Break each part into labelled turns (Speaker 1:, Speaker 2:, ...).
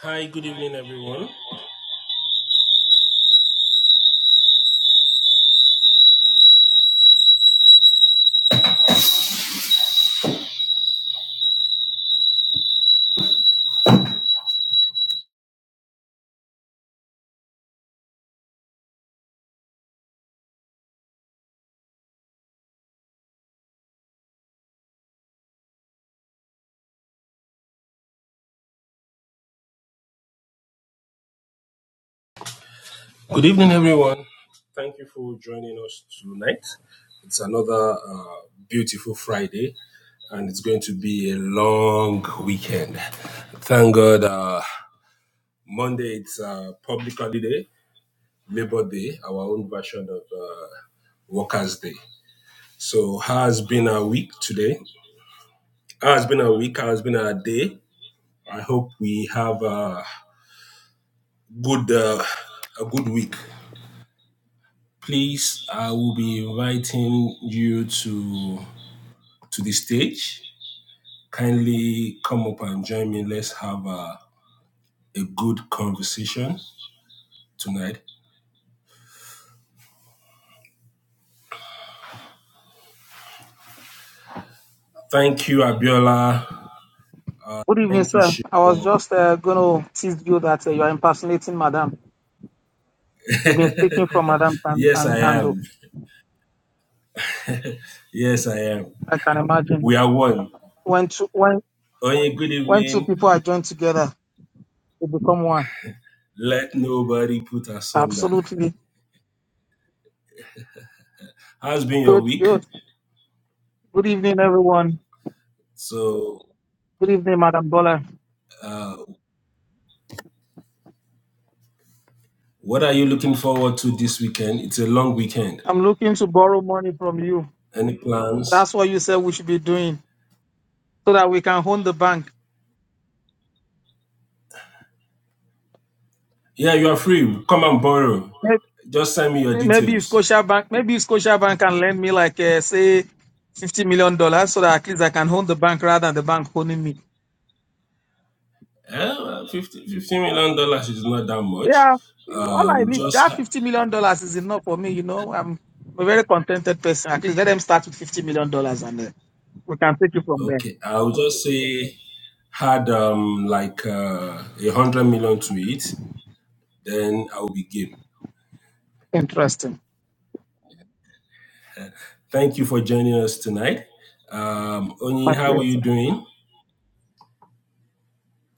Speaker 1: Hi, good evening, everyone. Good evening, everyone. Thank you for joining us tonight. It's another uh, beautiful Friday, and it's going to be a long weekend. Thank God. Uh, Monday, it's uh, public holiday, Labor Day, our own version of uh, Workers' Day. So, how has been our week today? How has been our week? How has been our day? I hope we have a good, uh, a good week. Please, I will be inviting you to to the stage. Kindly come up and join me. Let's have a, a good conversation tonight. Thank you, Abiola.
Speaker 2: Good evening,
Speaker 1: Thank you,
Speaker 2: sir. I was
Speaker 1: Shimon.
Speaker 2: just uh, going to tease you that uh, you are impersonating Madam. You've been speaking from Madam and,
Speaker 1: Yes,
Speaker 2: and,
Speaker 1: I
Speaker 2: Ando.
Speaker 1: am. Yes, I am.
Speaker 2: I can imagine
Speaker 1: We are one.
Speaker 2: when two when
Speaker 1: Onye, good
Speaker 2: when two
Speaker 1: evening.
Speaker 2: people are joined together, they become one.
Speaker 1: Let nobody put us under.
Speaker 2: Absolutely.
Speaker 1: How's been your
Speaker 2: Good,
Speaker 1: week?
Speaker 2: good. Good evening, everyone.
Speaker 1: So,
Speaker 2: Good evening, Madam Dollar.
Speaker 1: uh, what are you looking forward to this weekend? It's a long weekend.
Speaker 2: I'm looking to borrow money from you.
Speaker 1: Any plans?
Speaker 2: That's what you said we should be doing so that we can own the bank.
Speaker 1: Yeah, you are free. Come and borrow.
Speaker 2: Hey,
Speaker 1: Just send me your
Speaker 2: Maybe if
Speaker 1: details.
Speaker 2: Scotiabank, maybe if Scotiabank can lend me like uh, say fifty million dollars, so that at least I can own the bank rather than the bank owning me.
Speaker 1: Eh, well, 50, fifty million dollars is not that much.
Speaker 2: Yeah, all I
Speaker 1: Um,
Speaker 2: need
Speaker 1: just
Speaker 2: that
Speaker 1: ha-
Speaker 2: fifty million dollars is enough for me. You know, I'm a very contented person. At least let them start with fifty million dollars, and uh, we can take it from there.
Speaker 1: okay. I'll just say had um like uh, a hundred million to it, then I will be game.
Speaker 2: Interesting.
Speaker 1: Thank you for joining us tonight. Um, Oni, how are you
Speaker 2: Fascinating.
Speaker 1: doing?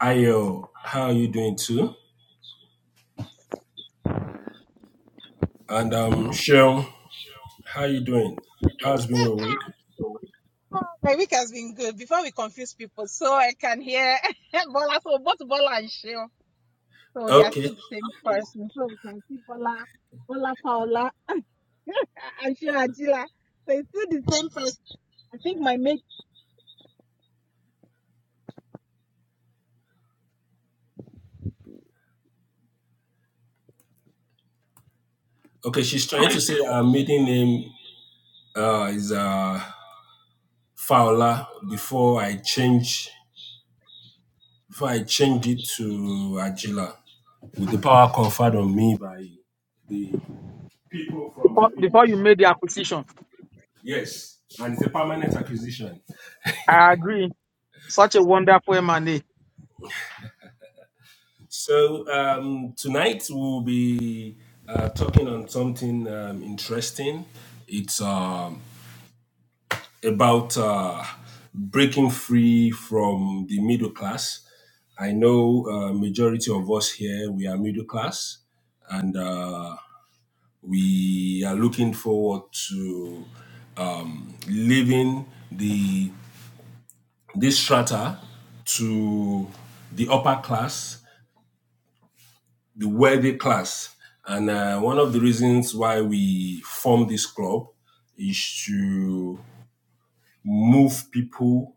Speaker 1: Ayo, how are you doing too? And um, Sean, how are you doing? How's been your week?
Speaker 3: Oh, My week has been good. Before we confuse people, so I can hear Bola. So both Bola and Sheo, so they are
Speaker 1: Okay,
Speaker 3: still the same person. So we can see Bola, Bola Paola, and Sheo Ajila. So it's still the same person. I think my mate.
Speaker 1: okay. She's trying to say our maiden name uh, is uh, Fowler before I change before I changed it to Agila with the power conferred on me by the people from my
Speaker 2: Before, before you
Speaker 1: village.
Speaker 2: made the acquisition,
Speaker 1: Yes, and it's a permanent acquisition.
Speaker 2: I agree. Such a wonderful M&A.
Speaker 1: So um, tonight we'll be uh, talking on something um, interesting. It's um, about uh, breaking free from the middle class. I know uh, majority of us here we are middle class, and uh, we are looking forward to um, leaving the this strata to the upper class, the wealthy class. And uh, one of the reasons why we form this club is to move people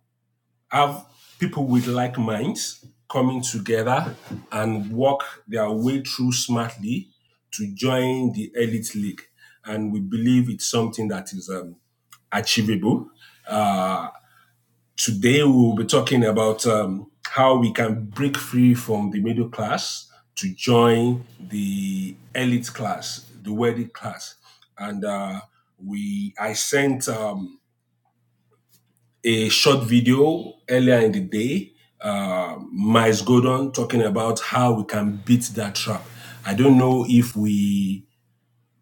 Speaker 1: have people with like minds coming together and work their way through smartly to join the elite league. And we believe it's something that is um, achievable. Uh, today, we will be talking about um, how we can break free from the middle class to join the elite class, the wealthy class. And uh, we, I sent um, a short video earlier in the day, uh, Miles Gordon talking about how we can beat that trap. I don't know if we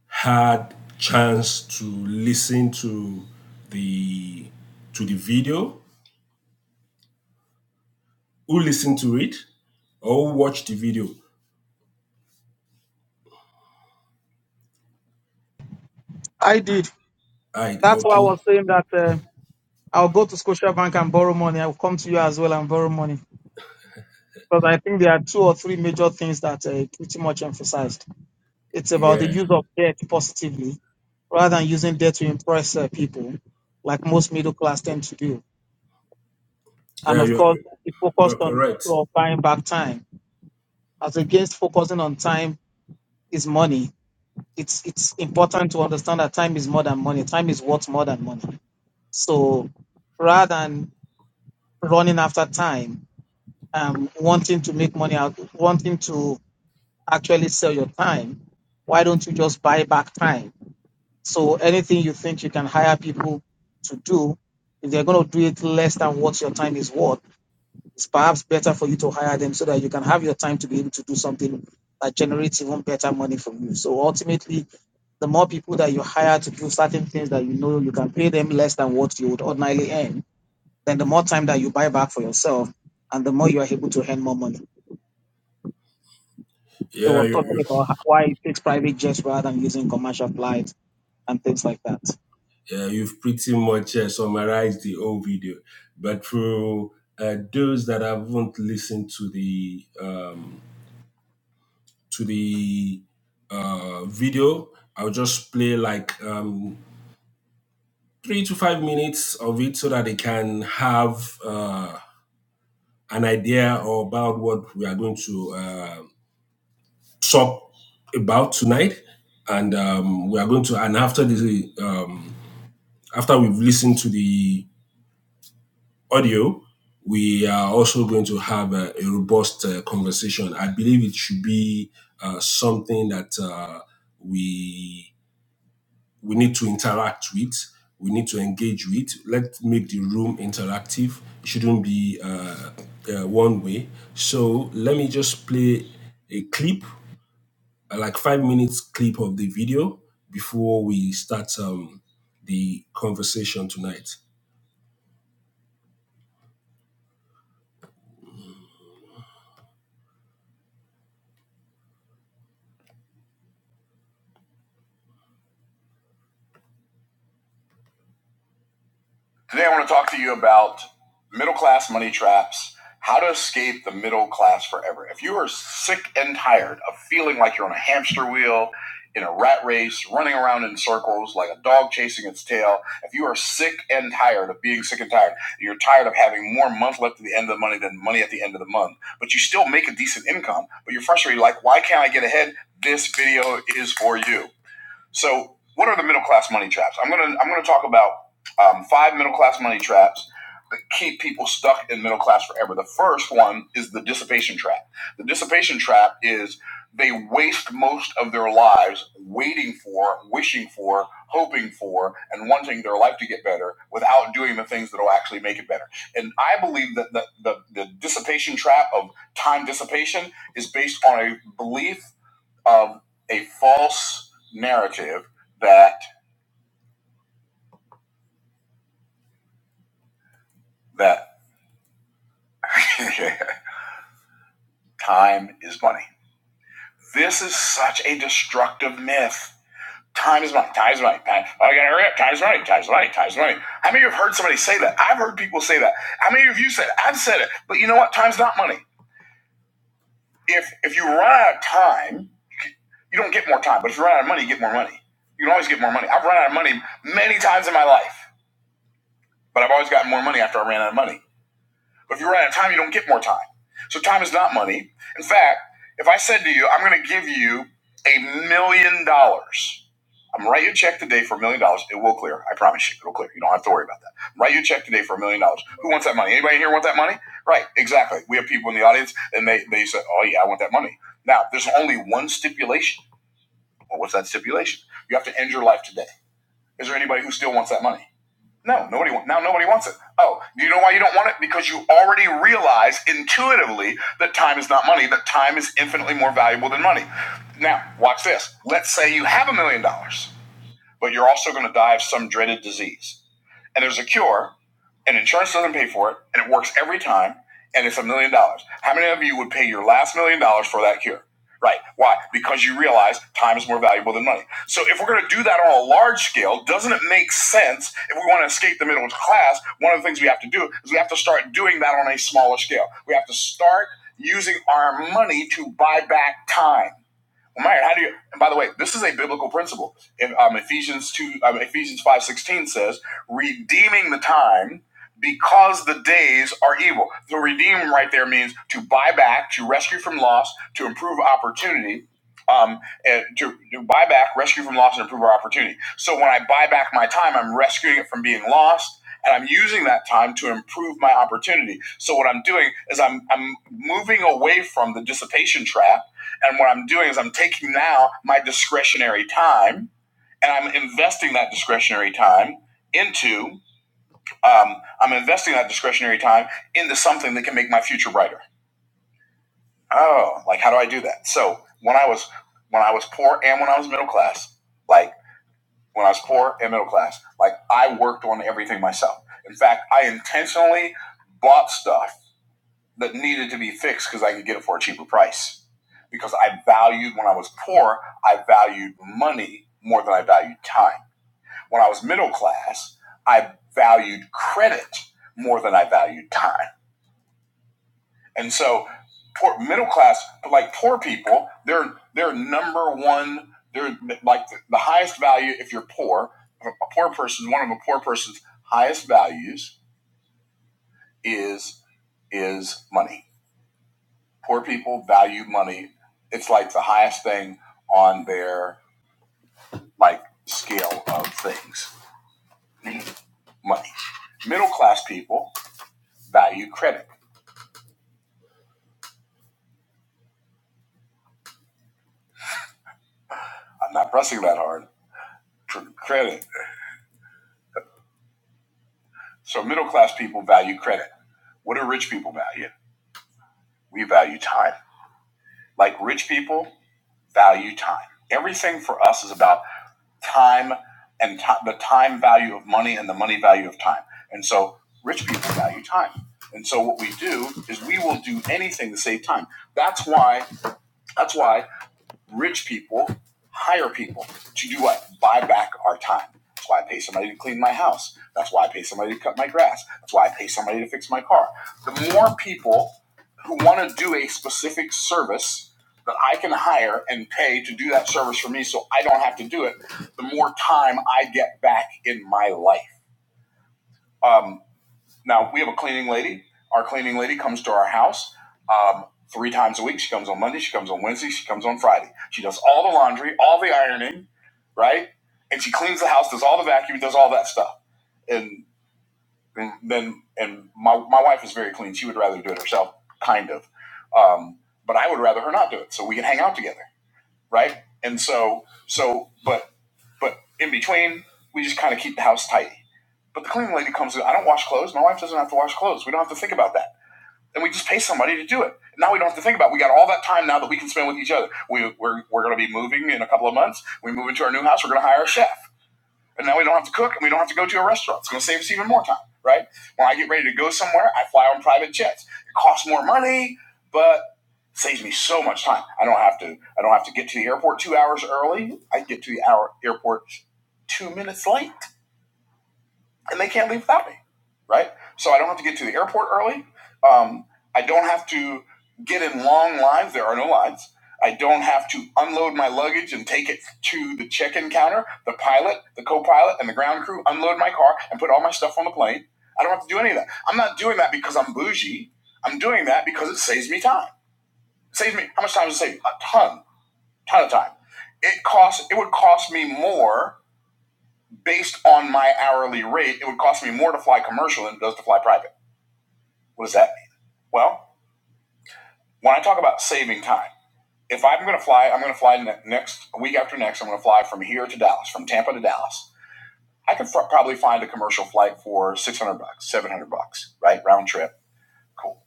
Speaker 1: had chance to listen to the to the video. Who listened to it or who watched the video?
Speaker 2: I did.
Speaker 1: I
Speaker 2: That's why I
Speaker 1: okay.
Speaker 2: was saying that uh, I'll go to Scotiabank and borrow money. I'll come to you as well and borrow money. Because I think there are two or three major things that uh, pretty much emphasized. It's about the
Speaker 1: Yeah,
Speaker 2: use of debt positively rather than using debt to impress uh, people, like most middle class tend to do. And
Speaker 1: yeah,
Speaker 2: of
Speaker 1: you're
Speaker 2: course, it
Speaker 1: you're
Speaker 2: focused on the
Speaker 1: correct.
Speaker 2: issue of buying back time. As against focusing on time is money, it's, it's important to understand that time is more than money. Time is worth more than money. So rather than running after time, um, wanting to make money out, wanting to actually sell your time, why don't you just buy back time? So anything you think you can hire people to do, if they're going to do it less than what your time is worth, it's perhaps better for you to hire them so that you can have your time to be able to do something that generates even better money for you. So ultimately, the more people that you hire to do certain things that you know you can pay them less than what you would ordinarily earn, then the more time that you buy back for yourself and the more you are able to earn more money. They
Speaker 1: Yeah,
Speaker 2: were talking
Speaker 1: you
Speaker 2: about ho- why it takes private jets rather than using commercial flights and things like that.
Speaker 1: Yeah, you've pretty much uh, summarized the whole video. But for uh, those that haven't listened to the um, to the uh, video, I'll just play like um, three to five minutes of it so that they can have uh, an idea about what we are going to uh, talk about tonight. And um, we are going to, and after the um, after we've listened to the audio, we are also going to have a, a robust uh, conversation. I believe it should be uh, something that uh, we we need to interact with. We need to engage with. Let's make the room interactive. It shouldn't be uh, uh, one way. So let me just play a clip, uh, like five minutes clip of the video before we start um, the conversation tonight. Today, I want to talk to you about middle class money traps, how to escape the middle class forever. If you are sick and tired of feeling like you're on a hamster wheel, in a rat race, running around in circles like a dog chasing its tail, if you are sick and tired of being sick and tired, you're tired of having more month left at the end of the money than money at the end of the month, but you still make a decent income, but you're frustrated like, why can't I get ahead? This video is for you. So, what are the middle class money traps? I'm gonna I'm gonna talk about um, five middle class money traps that keep people stuck in middle class forever. The first one is the dissipation trap. The dissipation trap is they waste most of their lives waiting for, wishing for, hoping for, and wanting their life to get better without doing the things that will actually make it better. And I believe that the, the, the dissipation trap of time dissipation is based on a belief of a false narrative that that time is money. This is such a destructive myth. Time is money. Time is money. Time, oh, I gotta hurry up. Time is money. Time is money. Time is money. How many of you have heard somebody say that? I've heard people say that. How many of you said it? I've said it. But you know what? Time's not money. If if you run out of time, you don't get more time. But if you run out of money, you get more money. You can always get more money. I've run out of money many times in my life, but I've always gotten more money after I ran out of money. But if you run out of time, you don't get more time. So time is not money. In fact, if I said to you, I'm going to give you a million dollars, I'm gonna write you a check today for a million dollars. It will clear. I promise you, it'll clear. You don't have to worry about that. I'm going to write you a check today for a million dollars. Who wants that money? Anybody here want that money? Right, exactly. We have people in the audience, and they they say, "Oh yeah, I want that money." Now, there's only one stipulation. Well, what's that stipulation? You have to end your life today. Is there anybody who still wants that money? No, nobody wa- now nobody wants it. Oh, do you know why you don't want it? Because you already realize intuitively that time is not money, that time is infinitely more valuable than money. Now, watch this. Let's say you have a million dollars, but you're also going to die of some dreaded disease. And there's a cure, and insurance doesn't pay for it, and it works every time, and it's a million dollars. How many of you would pay your last million dollars for that cure? Right. Why? Because you realize time is more valuable than money. So if we're going to do that on a large scale, doesn't it make sense if we want to escape the middle class? One of the things we have to do is we have to start doing that on a smaller scale. We have to start using our money to buy back time. Well, Myron, how do you? And by the way, this is a biblical principle. In um, Ephesians two, um, Ephesians five sixteen says, "Redeeming the time, because the days are evil." The redeem right there means to buy back, to rescue from loss, to improve opportunity, um, and to, to buy back, rescue from loss, and improve our opportunity. So when I buy back my time, I'm rescuing it from being lost. And I'm using that time to improve my opportunity. So what I'm doing is I'm I'm moving away from the dissipation trap and what I'm doing is I'm taking now my discretionary time and I'm investing that discretionary time into, um, I'm investing that discretionary time into something that can make my future brighter. Oh, like how do I do that? So when I was, when I was poor and when I was middle class, like when I was poor and middle class, like I worked on everything myself. In fact, I intentionally bought stuff that needed to be fixed because I could get it for a cheaper price. Because I valued, when I was poor, I valued money more than I valued time. When I was middle class, I valued credit more than I valued time. And so, poor, middle class, but like poor people, they're, they're number one, they're like the, the highest value if you're poor. A poor person, one of a poor person's highest values is is money Poor people value money. It's like the highest thing on their like scale of things, money. Middle class people value credit. I'm not pressing that hard. Tr- Credit. So middle class people value credit. What do rich people value? We value time. Like rich people value time. Everything for us is about time and ti- the time value of money and the money value of time. And so rich people value time. And so what we do is we will do anything to save time. That's why that's why rich people hire people to do what? Buy back our time. That's why I pay somebody to clean my house. That's why I pay somebody to cut my grass. That's why I pay somebody to fix my car. The more people who want to do a specific service that I can hire and pay to do that service for me so I don't have to do it, the more time I get back in my life. Um, now we have a cleaning lady. Our cleaning lady comes to our house um, three times a week. She comes on Monday. She comes on Wednesday. She comes on Friday. She does all the laundry, all the ironing, right? And she cleans the house, does all the vacuum, does all that stuff. And, and then and my my wife is very clean. She would rather do it herself, kind of. Um, but I would rather her not do it, so we can hang out together, right? And so so but but in between, we just kind of keep the house tidy but the cleaning lady comes in. I don't wash clothes. My wife doesn't have to wash clothes. We don't have to think about that. And we just pay somebody to do it. Now we don't have to think about it. We got all that time now that we can spend with each other. We, we're we're going to be moving in a couple of months. We move into our new house. We're going to hire a chef. And now we don't have to cook and we don't have to go to a restaurant. It's going to save us even more time, right? When I get ready to go somewhere, I fly on private jets. It costs more money, but it saves me so much time. I don't have to I don't have to get to the airport 2 hours early. I get to the hour airport 2 minutes late and they can't leave without me, right? So I don't have to get to the airport early. Um, I don't have to get in long lines. There are no lines. I don't have to unload my luggage and take it to the check-in counter. The pilot, the co-pilot, and the ground crew unload my car and put all my stuff on the plane. I don't have to do any of that. I'm not doing that because I'm bougie. I'm doing that because it saves me time. It saves me how much time does it save? A ton, ton of time. It costs. It would cost me more based on my hourly rate, it would cost me more to fly commercial than it does to fly private. What does that mean? Well, when I talk about saving time, if I'm going to fly, I'm going to fly ne- next week after next. I'm going to fly from here to Dallas, from Tampa to Dallas. I could fr- probably find a commercial flight for 600 bucks, 700 bucks, right? Round trip. Cool.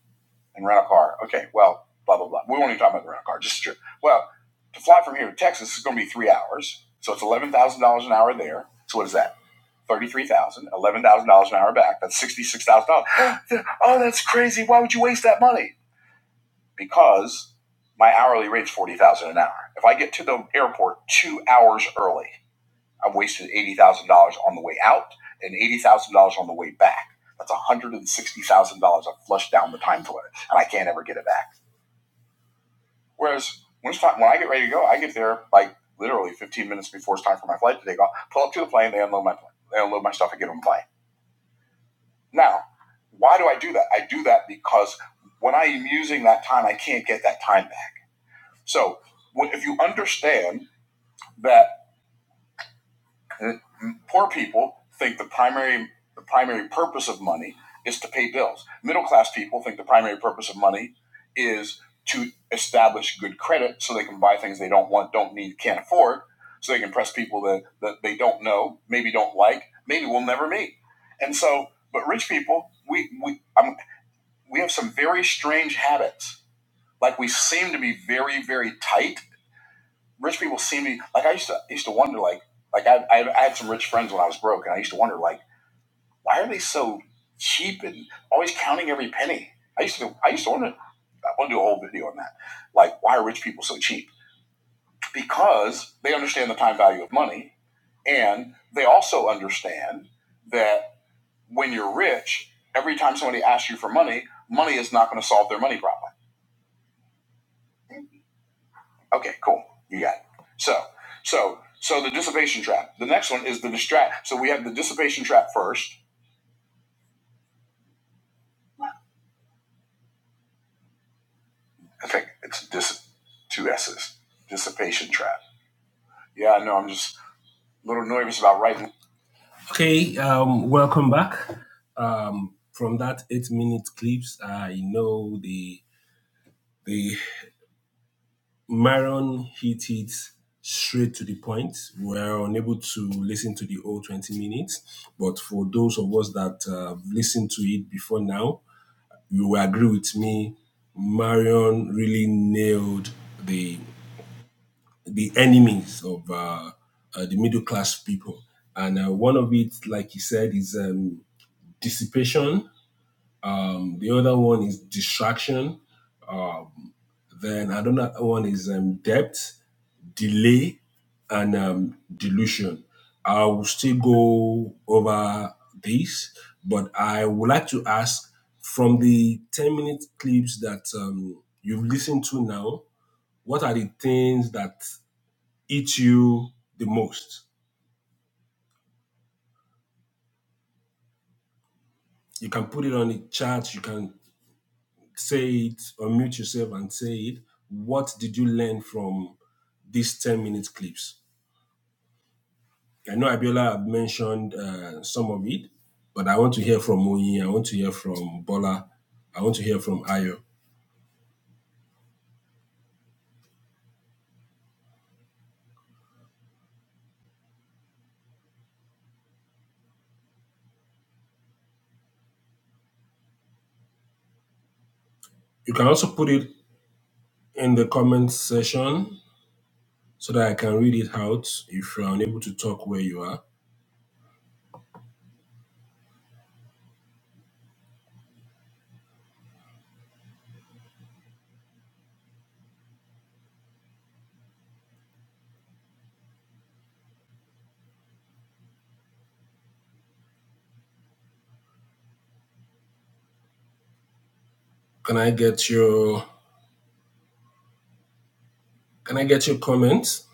Speaker 1: And rent a car. Okay. Well, blah, blah, blah. We won't even talk about the rental car, just a trip. Well, to fly from here to Texas is going to be three hours. So it's $11,000 an hour there. So what is that? Thirty-three thousand, dollars, eleven thousand dollars an hour back. That's sixty-six thousand dollars. Oh, that's crazy! Why would you waste that money? Because my hourly rate's forty thousand dollars an hour. If I get to the airport two hours early, I've wasted eighty thousand dollars on the way out and eighty thousand dollars on the way back. That's one hundred and sixty thousand dollars I flushed down the time toilet, and I can't ever get it back. Whereas when it's time, when I get ready to go, I get there like literally fifteen minutes before it's time for my flight to take off. Pull up to the plane, they unload my plane, they unload my stuff, and get on the plane. Now, why do I do that? I do that because when I am using that time, I can't get that time back. So if you understand that mm, poor people think the primary the primary purpose of money is to pay bills, middle class people think the primary purpose of money is to establish good credit so they can buy things they don't want, don't need, can't afford, so they can impress people that, that they don't know, maybe don't like, maybe will never meet. And so, but rich people, we, we I'm. we have some very strange habits. Like we seem to be very, very tight. Rich people seem to be like I used to I used to wonder like like I, I I had some rich friends when I was broke, and I used to wonder like why are they so cheap and always counting every penny. I used to I used to wonder I want to do a whole video on that. Like why are rich people so cheap? Because they understand the time value of money, and they also understand that when you're rich, every time somebody asks you for money, money is not going to solve their money problem Okay, cool. You got it. So, so, so the dissipation trap. The next one is the distract. So we have the dissipation trap first. I think it's dis two S's. Dissipation trap. Yeah, I know. I'm just a little nervous about writing. Okay. Um. Welcome back. Um. From that eight minute clips, I know the the Maron hit it straight to the point. We are unable to listen to the whole 20 minutes, but for those of us that uh, listened to it before now, you will agree with me. Marion really nailed the the enemies of uh, uh, the middle class people, and uh, one of it, like he said, is um, dissipation. Um, the other one is distraction. Then another one is um, debt delay and um, delusion. I will still go over this, but I would like to ask from the 10 minute clips that um, you've listened to now, what are the things that eat you the most? You can put it on the chat, you can say it, or mute yourself and say it. What did you learn from these 10 minute clips? I know Abiola had mentioned uh, some of it, but I want to hear from Moyi. I want to hear from Bola. I want to hear from Ayo. You can also put it in the comment section so that I can read it out if you're unable to talk where you are. Can I get your Can I get your comments?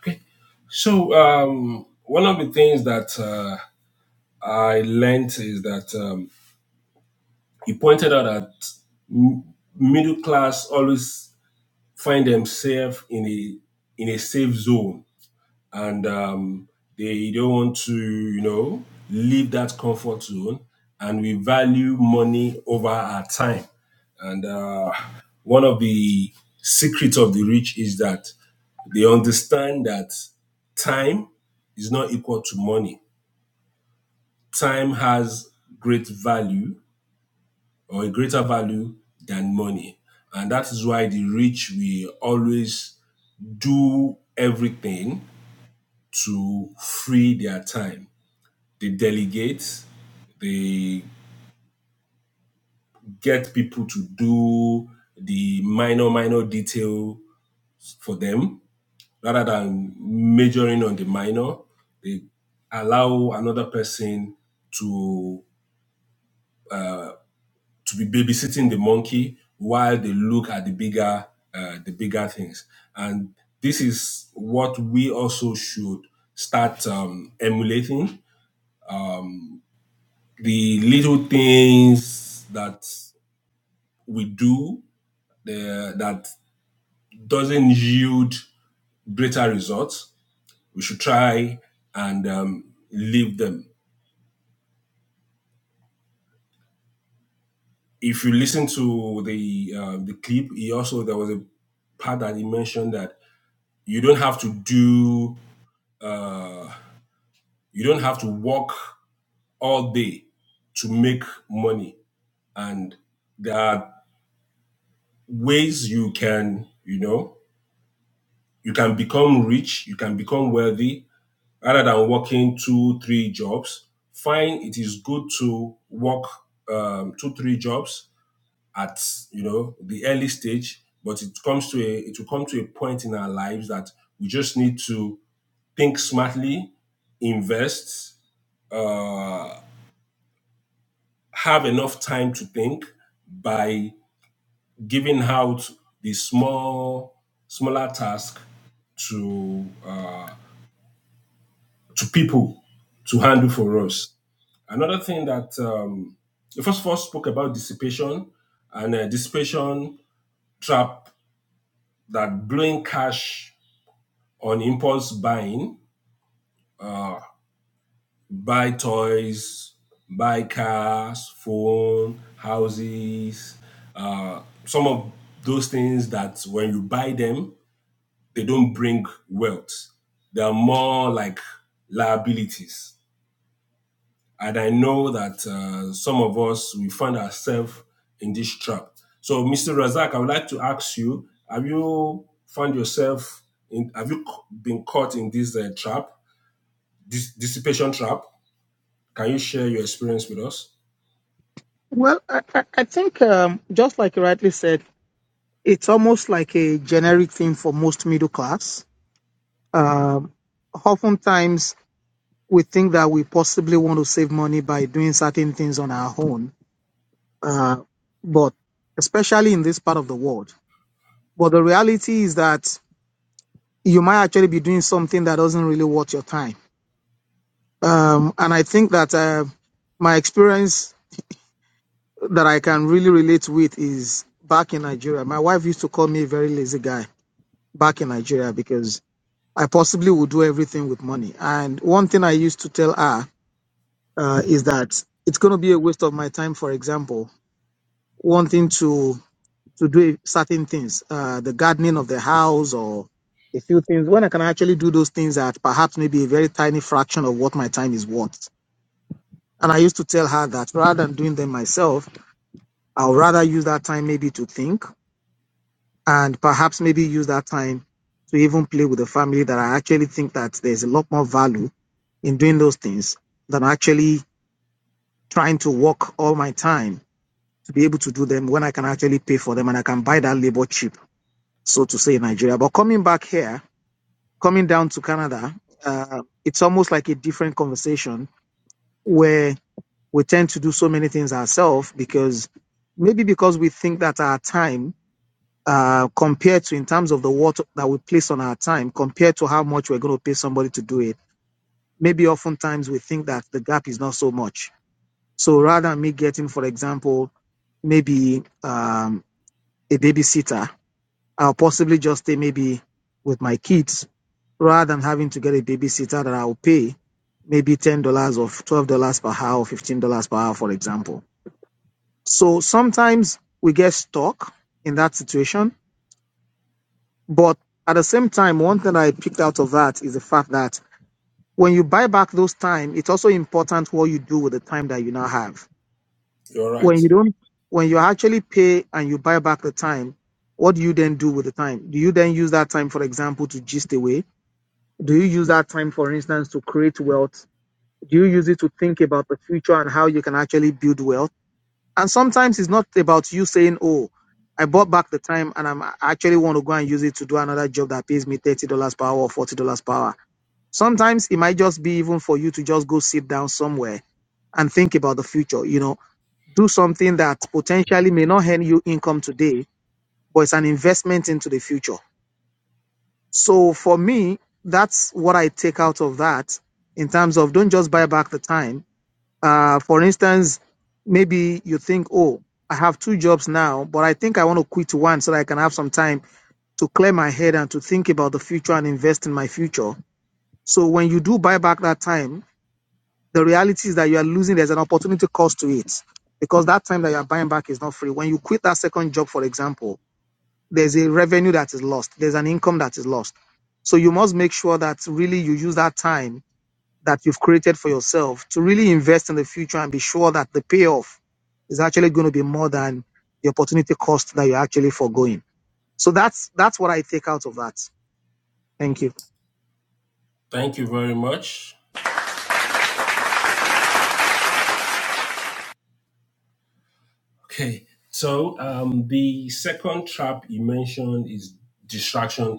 Speaker 1: Okay. So um, one of the things that uh, I learned is that um, you pointed out that m- middle class always find themselves in a in a safe zone and um, they don't want to you know leave that comfort zone and we value money over our time and uh, one of the secrets of the rich is that they understand that time is not equal to money time has great value or a greater value than money and that is why the rich will always do everything to free their time. They delegate, they get people to do the minor, minor detail for them rather than majoring on the minor. They allow another person to to be babysitting the monkey while they look at the bigger uh, the bigger things and this is what we also should start um, emulating the little things that we do uh, that doesn't yield greater results, we should try and um, leave them. If you listen to the uh, the clip, he also there was a part that he mentioned that you don't have to do uh, you don't have to work all day to make money, and there are ways you can you know you can become rich, you can become wealthy rather than working two, three jobs, fine, it is good to work um, two, three jobs at you know the early stage, but it comes to a it will come to a point in our lives that we just need to think smartly, invest, uh, have enough time to think by giving out the small smaller task to uh, to people to handle for us. Another thing that um, the first of all spoke about dissipation and uh, dissipation trap that blowing cash on impulse buying, uh, buy toys, buy cars, phone, houses, uh, some of those things that when you buy them, they don't bring wealth. They are more like liabilities And I know that uh, some of us, we find ourselves in this trap. So, Mr. Razak, I would like to ask you have you found yourself in, have you been caught in this uh, trap, this dissipation trap? Can you share your experience with us?
Speaker 2: Well, I, I I think um, just like you rightly said, it's almost like a generic thing for most middle class. Um, oftentimes, we think that we possibly want to save money by doing certain things on our own, uh, but especially in this part of the world. But the reality is that you might actually be doing something that doesn't really worth your time. Um, and I think that uh, my experience that I can really relate with is back in Nigeria. My wife used to call me a very lazy guy back in Nigeria because I possibly would do everything with money. And one thing I used to tell her uh, is that it's going to be a waste of my time, for example, wanting to to do certain things, uh, the gardening of the house or a few things, when I can actually do those things at perhaps maybe a very tiny fraction of what my time is worth. And I used to tell her that rather than doing them myself, I'll rather use that time maybe to think and perhaps maybe use that time to even play with the family that I actually think that there's a lot more value in doing those things than actually trying to work all my time to be able to do them when I can actually pay for them and I can buy that labor cheap, so to say, in Nigeria. But coming back here, coming down to Canada, uh, it's almost like a different conversation where we tend to do so many things ourselves because maybe because we think that our time, uh, compared to in terms of the water that we place on our time, compared to how much we're going to pay somebody to do it, maybe oftentimes we think that the gap is not so much. So rather than me getting, for example, maybe um, a babysitter, I'll possibly just stay maybe with my kids rather than having to get a babysitter that I'll pay maybe ten dollars or twelve dollars per hour or fifteen dollars per hour, for example. So sometimes we get stuck in that situation. But at the same time, one thing I picked out of that is the fact that when you buy back those time, it's also important what you do with the time that you now have.
Speaker 1: You're
Speaker 2: When
Speaker 1: right.
Speaker 2: you don't when you actually pay and you buy back the time, what do you then do with the time? Do you then use that time, for example, to gist away? Do you use that time, for instance, to create wealth you use it to think about the future and how you can actually build wealth? And sometimes it's not about you saying, "Oh, I bought back the time and I'm I actually want to go and use it to do another job that pays me thirty dollars per hour or forty dollars per hour." Sometimes it might just be even for you to just go sit down somewhere and think about the future. You know, do something that potentially may not earn you income today, but it's an investment into the future. So for me, that's what I take out of that in terms of don't just buy back the time Uh, for instance, maybe you think, oh, I have two jobs now, but I think I want to quit one so that I can have some time to clear my head and to think about the future and invest in my future. So when you do buy back that time, the reality is that you are losing, there's an opportunity cost to it because that time that you are buying back is not free. When you quit that second job, for example, there's a revenue that is lost, there's an income that is lost. So you must make sure that really you use that time that you've created for yourself to really invest in the future and be sure that the payoff is actually going to be more than the opportunity cost that you're actually foregoing. So that's that's what I take out of that. Thank you.
Speaker 1: Thank you very much. Okay. So, um, the second trap you mentioned is distraction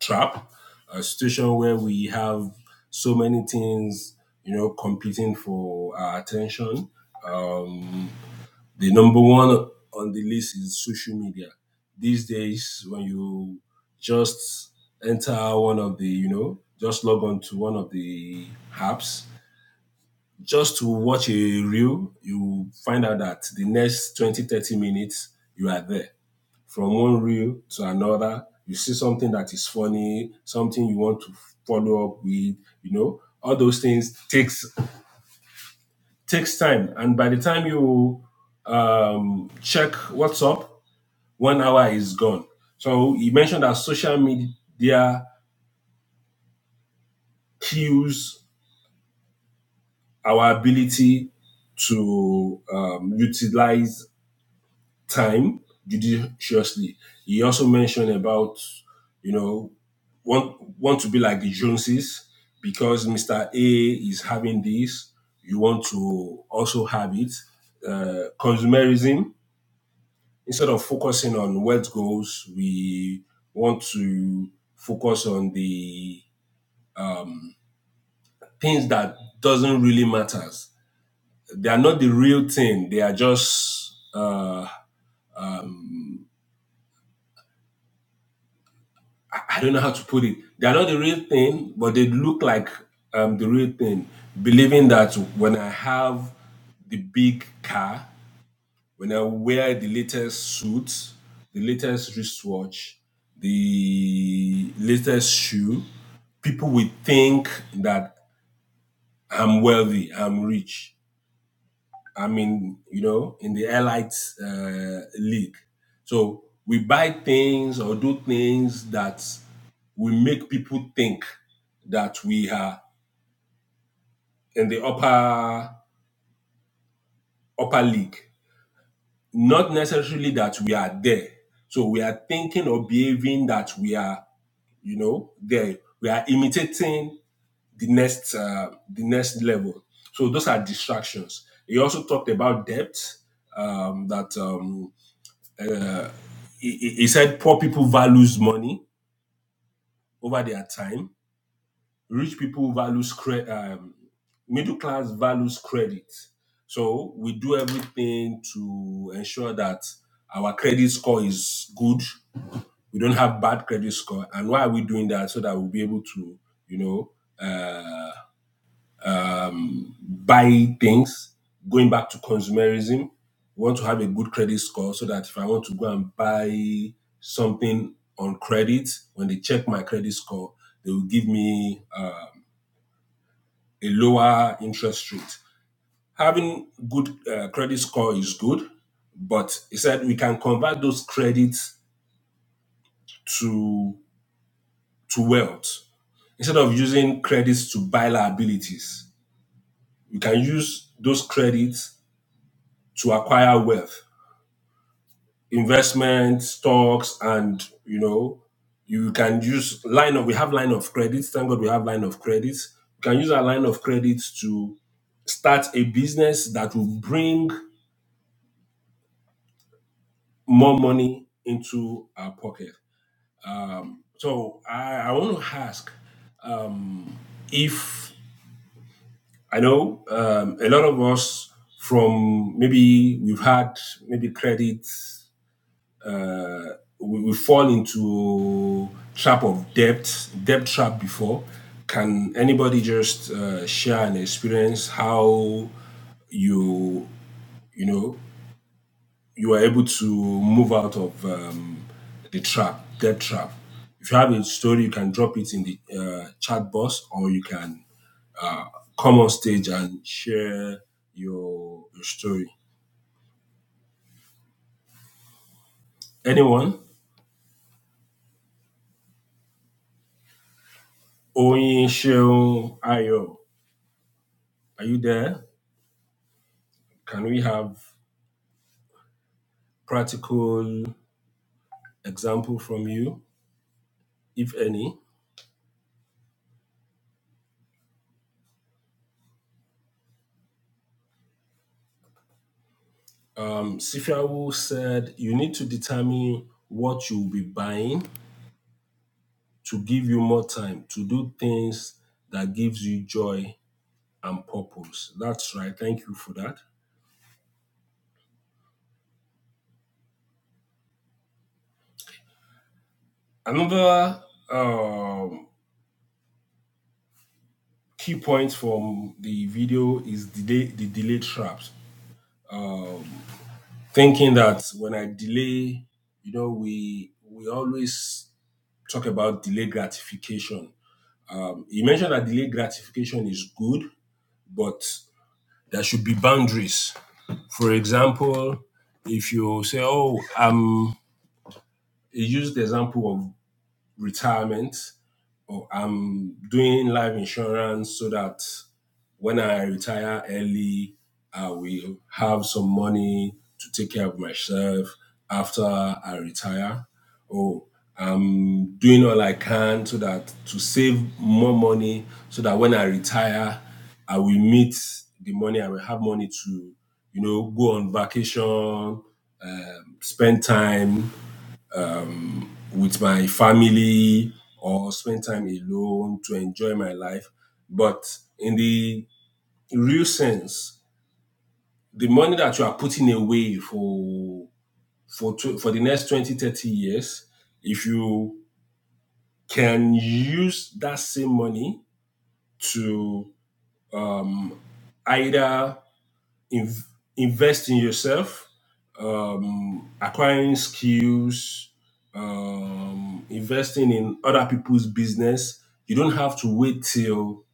Speaker 1: trap, a situation where we have so many things, you know, competing for our attention. Um, the number one on the list is social media. These days, when you just enter one of the, you know, just log on to one of the apps, just to watch a reel, you find out that the next 20 30 minutes, you are there from one reel to another. You see something that is funny, something you want to follow up with, you know, all those things takes takes time. And by the time you um, check what's up, one hour is gone. So you mentioned that social media kills our ability to um, utilize time judiciously. He also mentioned about, you know, want want to be like the Joneses because Mr. A is having this, you want to also have it. Uh, consumerism, instead of focusing on wealth goals, we want to focus on the things that doesn't really matters. They are not the real thing. They are just uh, um, I don't know how to put it. They are not the real thing, but they look like um, the real thing. Believing that when I have the big car, when I wear the latest suit, the latest wristwatch, the latest shoe, people will think that I'm wealthy, I'm rich. I mean, you know, in the Elite uh, League. So we buy things or do things that we make people think that we are in the upper upper league. Not necessarily that we are there. So we are thinking or behaving that we are, you know, there. We are imitating the next uh, the next level. So those are distractions. He also talked about depth. Um, that um, he, he said poor people values money over their time rich people values cre- um, middle class values credit so we do everything to ensure that our credit score is good we don't have bad credit score and why are we doing that so that we'll be able to you know uh, um, buy things, going back to consumerism. We want to have a good credit score so that if I want to go and buy something on credit, when they check my credit score, they will give me um a lower interest rate. Having good uh, credit score is good, but he said we can convert those credits to to wealth instead of using credits to buy liabilities. We can use those credits to acquire wealth investment stocks and you know you can use line of we have line of credit thank god we have line of credit you can use our line of credit to start a business that will bring more money into our pocket um, so I, I want to ask if i know um, a lot of us from maybe we've had maybe credit uh, we, we fall into trap of debt, debt trap before. Can anybody just uh, share an experience how you you know you were able to move out of um, the trap, debt trap? If you have a story, you can drop it in the uh, chat box, or you can come on stage and share your, your story. Anyone? Oyin Sheung Ayo, are you there? Can we have practical example from you, if any. Um, Sifiawu said you need to determine what you will be buying to give you more time to do things that gives you joy and purpose. That's right. Thank you for that. Another um, key point from the video is delay, the delay traps. Thinking that when I delay, you know, we we always talk about delay gratification You mentioned that delayed gratification is good, but there should be boundaries. For example, if you say, "Oh, I'm," he used the example of retirement, or I'm doing life insurance so that When I retire early, I will have some money to take care of myself after I retire. Oh, I'm doing all I can so that to save more money so that when I retire, I will meet the money, I will have money to, you know, go on vacation, um, spend time with my family or spend time alone to enjoy my life. But in the real sense, the money that you are putting away for for for the next 20 30 years if you can use that same money to um, either inv- invest in yourself um, acquiring skills um, investing in other people's business you don't have to wait till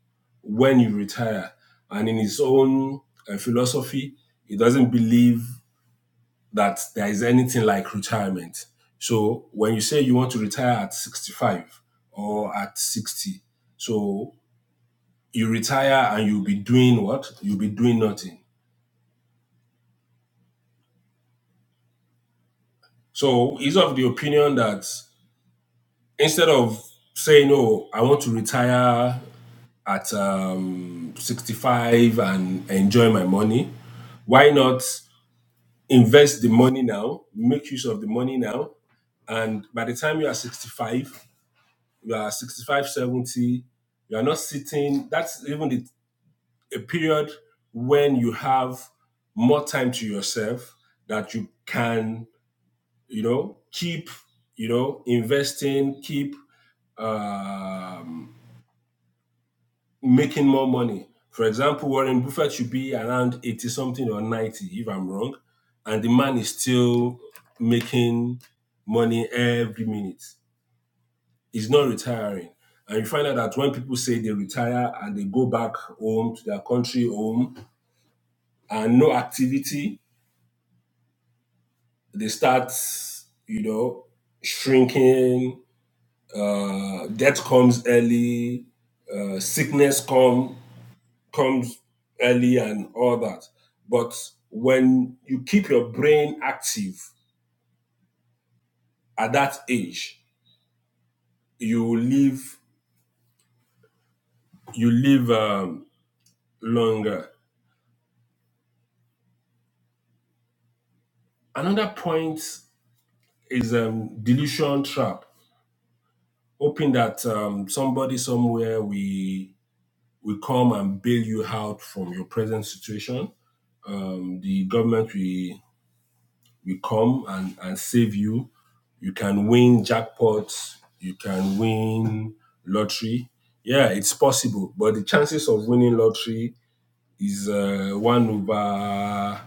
Speaker 1: when you retire and in his own uh, philosophy he doesn't believe that there is anything like retirement. So when you say you want to retire at 65 or at 60, so you retire and you'll be doing what? You'll be doing nothing. So he's of the opinion that instead of saying, oh, I want to retire at um, 65 and enjoy my money, why not invest the money now, make use of the money now, and by the time you are 65, you are 65, 70. you are not sitting. That's even the, a period when you have more time to yourself that you can, you know, keep, you know, investing, keep um, making more money. For example, Warren Buffett should be around 80 something or 90, if I'm wrong. And the man is still making money every minute. Is not retiring. And you find out that when people say they retire and they go back home to their country home and no activity, they start, you know, shrinking, uh, death comes early, uh, sickness come comes early and all that. But when you keep your brain active at that age, you live you live um, longer. Another point is a delusion trap, hoping that um, somebody somewhere will will come and bail you out from your present situation. Um, the government will will come and, and save you. You can win jackpots. You can win lottery. Yeah, it's possible, but the chances of winning lottery is uh, one over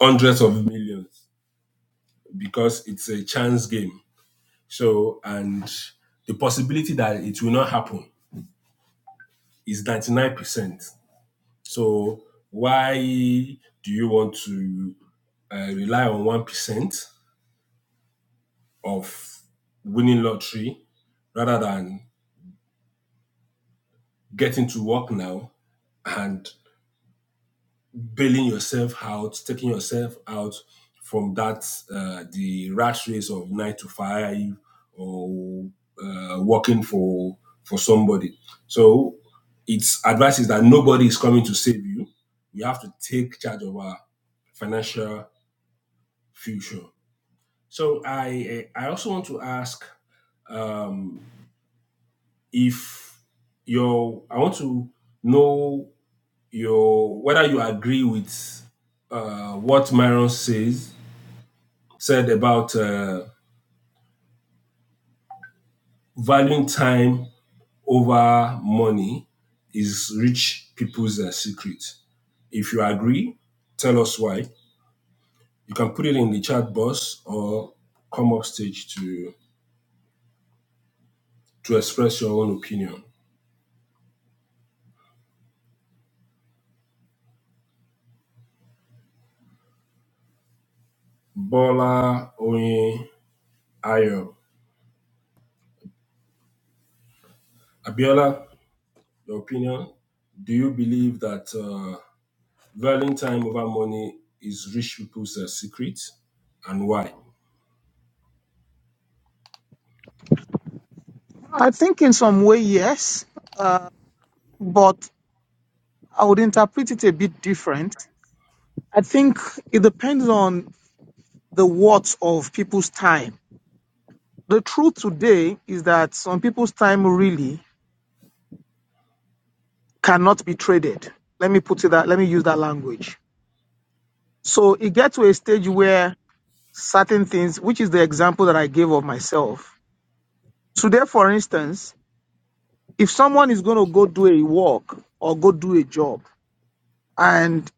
Speaker 1: hundreds of millions because it's a chance game. So and the possibility that it will not happen is 99%. So why do you want to uh, rely on 1% of winning lottery rather than getting to work now and bailing yourself out, taking yourself out from that, uh, the rat race of nine to five or uh, working for, for somebody. So its advice is that nobody is coming to save you. We have to take charge of our financial future. So I I also want to ask um, if your I want to know your whether you agree with uh, what Myron says said about uh, valuing time over money is rich people's uh, secret. If you agree, tell us why. You can put it in the chat box or come up stage to to express your own opinion. Bola Oyin Ayo. Abiola, your opinion. Do you believe that uh, valuing time over money is rich people's uh, secret and why?
Speaker 2: I think in some way yes, uh, but I would interpret it a bit different. I think it depends on the worth of people's time. The truth today is that some people's time really cannot be traded. Let me put it that. Let me use that language. So it gets to a stage where certain things, which is the example that I gave of myself. Today, for instance, if someone is going to go do a work or go do a job, and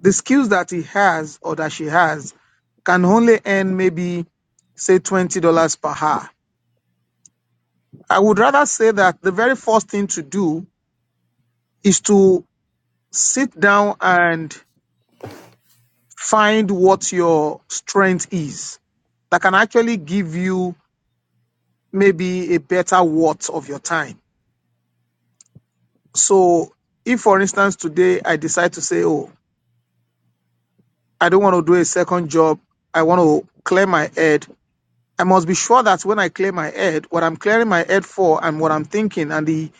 Speaker 2: the skills that he has or that she has can only earn maybe, say, $20 per hour, I would rather say that the very first thing to do is to sit down and find what your strength is that can actually give you maybe a better worth of your time So if, for instance, today I decide to say, oh, I don't want to do a second job, I want to clear my head, I must be sure that when I clear my head, what I'm clearing my head for and what I'm thinking and the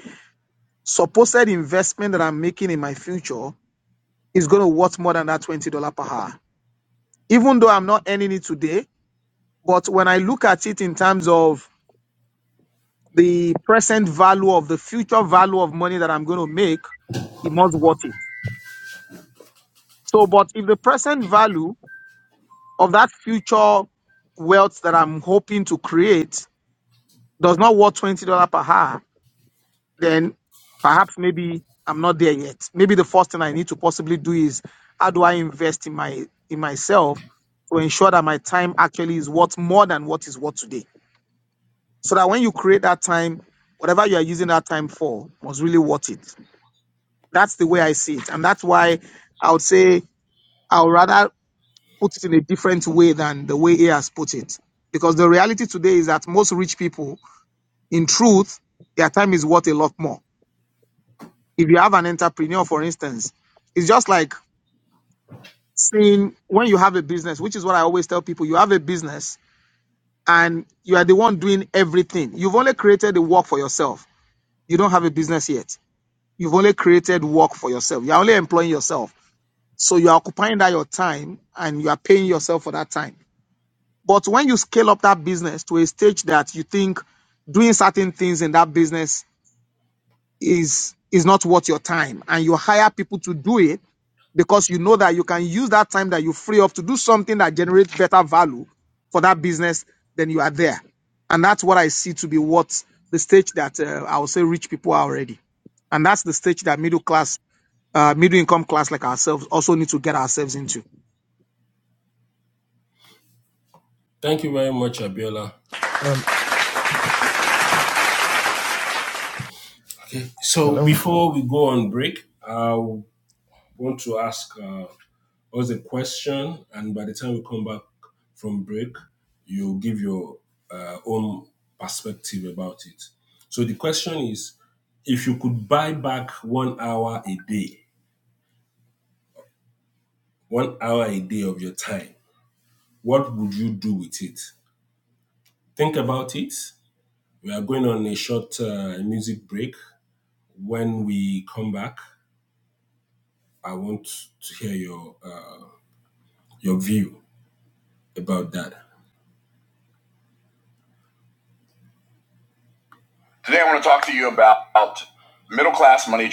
Speaker 2: supposed investment that I'm making in my future is going to worth more than that $20 per hour. Even though I'm not earning it today, but when I look at it in terms of the present value of the future value of money that I'm going to make, it must worth it. So, but if the present value of that future wealth that I'm hoping to create does not worth twenty dollar per hour, then perhaps maybe I'm not there yet. Maybe the first thing I need to possibly do is how do I invest in my in myself to ensure that my time actually is worth more than what is worth today. So that when you create that time, whatever you are using that time for was really worth it. That's the way I see it. And that's why I would say I would rather put it in a different way than the way he has put it. Because the reality today is that most rich people, in truth, their time is worth a lot more. If you have an entrepreneur, for instance, it's just like seeing when you have a business, which is what I always tell people you have a business and you are the one doing everything. You've only created the work for yourself. You don't have a business yet. You've only created work for yourself. You're only employing yourself. So you're occupying that your time and you are paying yourself for that time. But when you scale up that business to a stage that you think doing certain things in that business is is not worth your time and you hire people to do it because you know that you can use that time that you free up to do something that generates better value for that business, then you are there. And that's what I see to be what the stage that uh, I would say rich people are already. And that's the stage that middle class, uh, middle income class like ourselves also need to get ourselves into.
Speaker 1: Thank you very much, Abiola.
Speaker 4: Um,
Speaker 1: So
Speaker 4: hello,
Speaker 1: before we go on break, I want to ask uh, us a question, and by the time we come back from break, you give your uh, own perspective about it. So the question is if you could buy back one hour a day, one hour a day of your time, what would you do with it? Think about it. We are going on a short uh, music break. When we come back, I want to hear your uh, your view about that. Today, I want to talk to you about middle class money.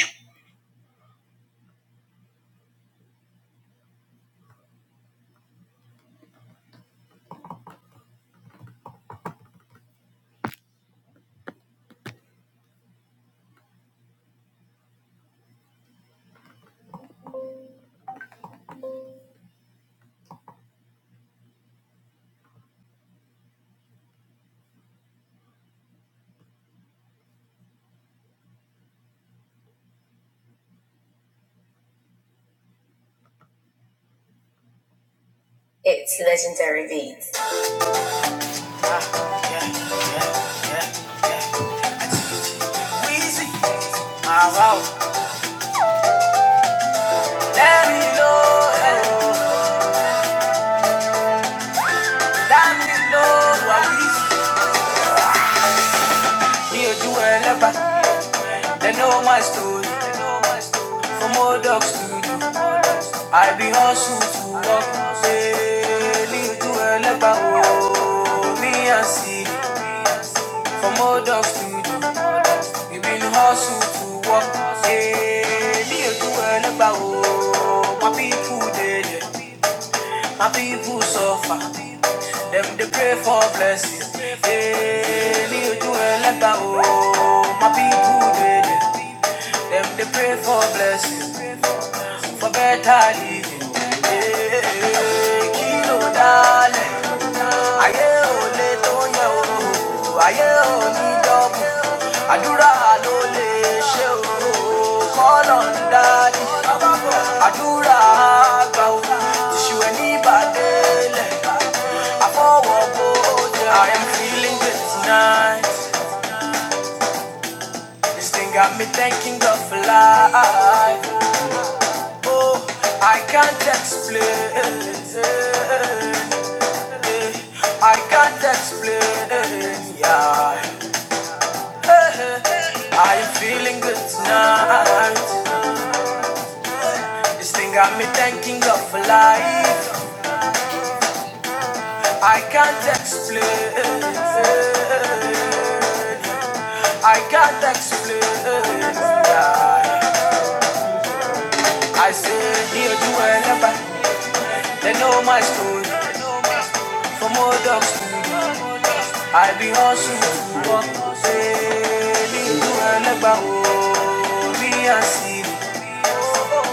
Speaker 1: It's legendary beats. Uh, yeah, yeah, yeah, yeah. Weezy, my wow. Let me know, eh, let me know, we- Me or you, eh, They know my story. From old dogs to studio. I be hustle to work. Daily to Eleba. Oh, me and see. From old dogs to studio. We been hustle to work. Daily to Eleba. Oh, my people daily. My people suffer. Them they pray for blessing. Hey, me do a leper, oh. My people they, they. Them they pray for blessing for better living. Hey, ò le tó yẹn o, ní dọ́kun. Àdúrà ló lè ṣe o, kọ́nà ń dálẹ̀. Àdúrà àgbà o, ni adura lo ẹ̀ kona dale ìbàdélẹ̀. Àfọwọ́ afowo bode I am feeling good tonight. This thing got me thanking God for life. Oh, I can't explain. I can't explain. Yeah. I'm feeling good tonight. This thing got me thinking of life. I can't explain. I can't explain. Yeah. I say, dear, do whatever. They know my story. From old dogs to young, I be hustling. to work. Sailing to Eleba, oh, me and see.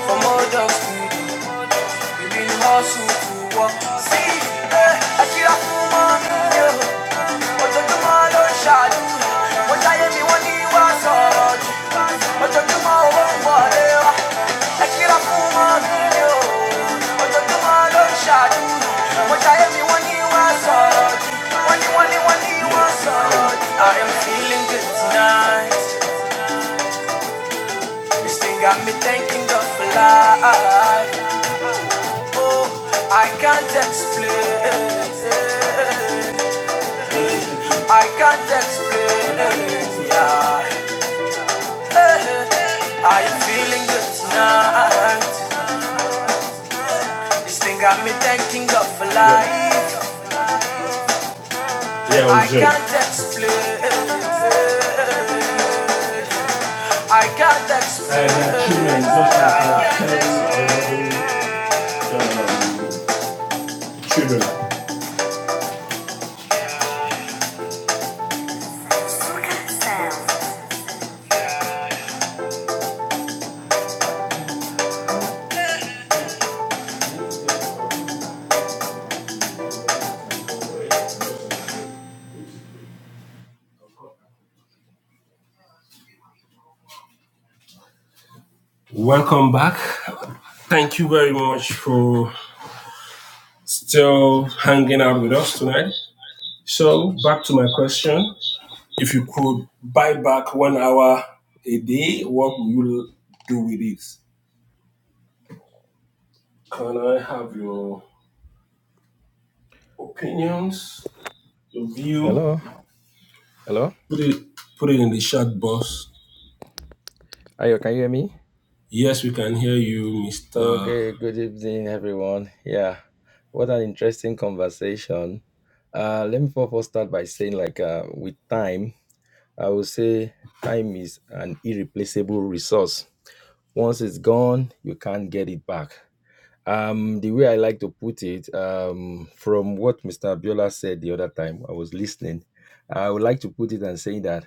Speaker 1: From old dogs to young, eh, like like I am feeling good tonight. This thing got me thinking of life. Oh, I can't explain. I can't explain. it, Yeah. Are you feeling good tonight? This thing got me thanking God for life. Yeah, yeah I can't explain. I can't explain. Uh, Truman, like, uh, Welcome back. Thank you very much for still hanging out with us tonight. So back to my question: If you could buy back one hour a day, what will you do with it? Can I have your opinions, your view?
Speaker 4: hello, hello.
Speaker 1: Put it put it in the chat box.
Speaker 4: Ayo, can you hear me?
Speaker 1: Yes, we can hear you, Mr.
Speaker 4: Okay, good evening, everyone. Yeah, what an interesting conversation. Uh, let me first first start by saying, like, uh, with time, I would say time is an irreplaceable resource. Once it's gone, you can't get it back. Um, the way I like to put it, um, from what Mr. Abiola said the other time, I was listening. I would like to put it and say that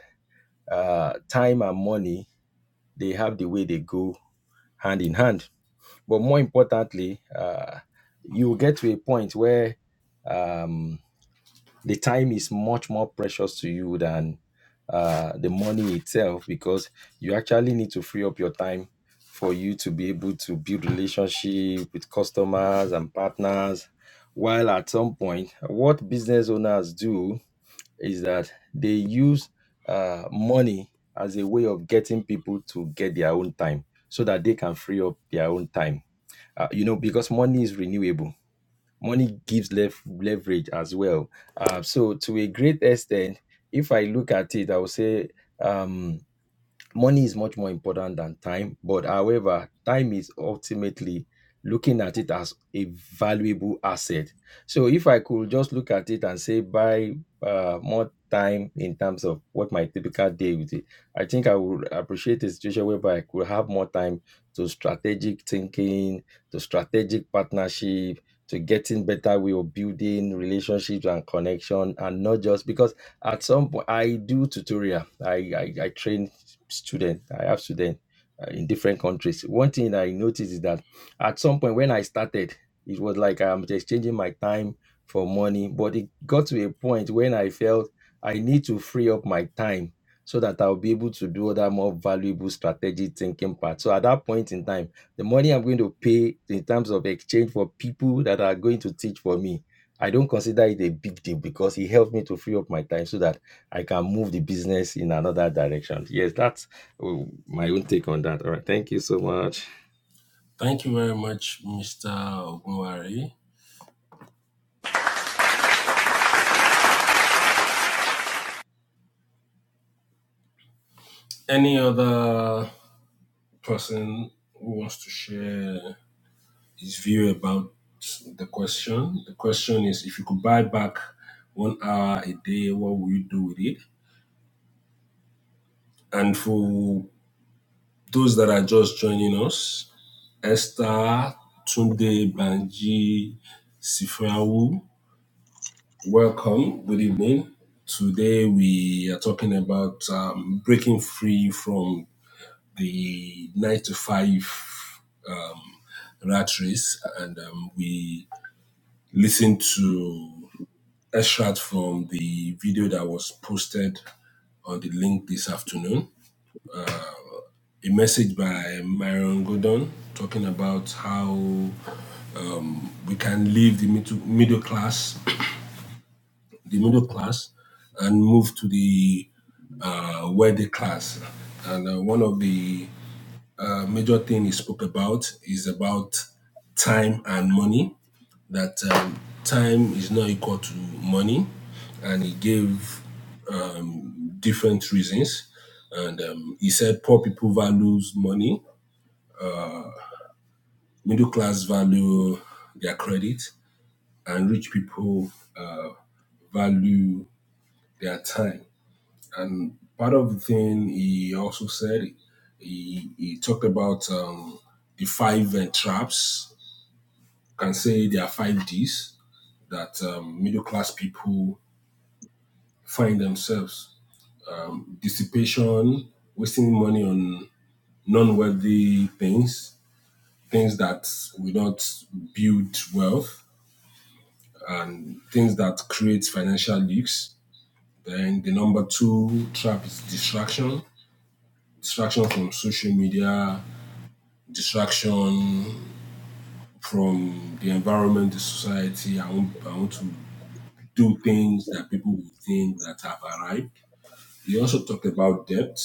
Speaker 4: uh, time and money they have the way they go hand in hand. But more importantly, uh, you get to a point where um, the time is much more precious to you than uh, the money itself because you actually need to free up your time for you to be able to build relationship with customers and partners while at some point what business owners do is that they use uh, money as a way of getting people to get their own time so that they can free up their own time. Uh, you know, because money is renewable, money gives lev- leverage as well. Uh, so, to a great extent, if I look at it, I would say. Um, money is much more important than time but however time is ultimately looking at it as a valuable asset so if i could just look at it and say buy uh, more time in terms of what my typical day would be i think i would appreciate a situation whereby i could have more time to strategic thinking to strategic partnership to getting better way of building relationships and connection and not just because at some point i do tutorial i i, I train student. I have student uh, in different countries. One thing I noticed is that at some point when I started, it was like I'm exchanging my time for money. But it got to a point when I felt I need to free up my time so that I'll be able to do other more valuable strategic thinking part. So at that point in time, the money I'm going to pay in terms of exchange for people that are going to teach for me, I don't consider it a big deal because it helped me to free up my time so that I can move the business in another direction. Yes, that's uh, my own take on that. All right. Thank you so much.
Speaker 1: Thank you very much, Mr. Ogunwari. Any other person who wants to share his view about the question. The question is if you could buy back one hour a day, what would you do with it? And for those that are just joining us, Esther, Tunde, Banji, Sifrawu, welcome. Good evening. Today we are talking about um, breaking free from the nine to five rat race, and um, we listen to extract from the video that was posted on the link this afternoon. A message by Myron Gordon talking about how we can leave the middle, middle class, the middle class, and move to the uh, wealthy class. And uh, one of the uh, major things he spoke about is about time and money. That um, time is not equal to money, and he gave different reasons. And um, he said poor people value money, middle class value their credit, and rich people uh, value their time. And part of the thing he also said, he, he talked about um, the five uh, traps. You Can say there are five D's that um, middle class people find themselves: um, dissipation, wasting money on non-worthy things, things that will not build wealth and things that create financial leaks. Then the number two trap is distraction. Distraction from social media, distraction from the environment, the society. I want, I want to do things that people will think that have arrived. He also talked about debt,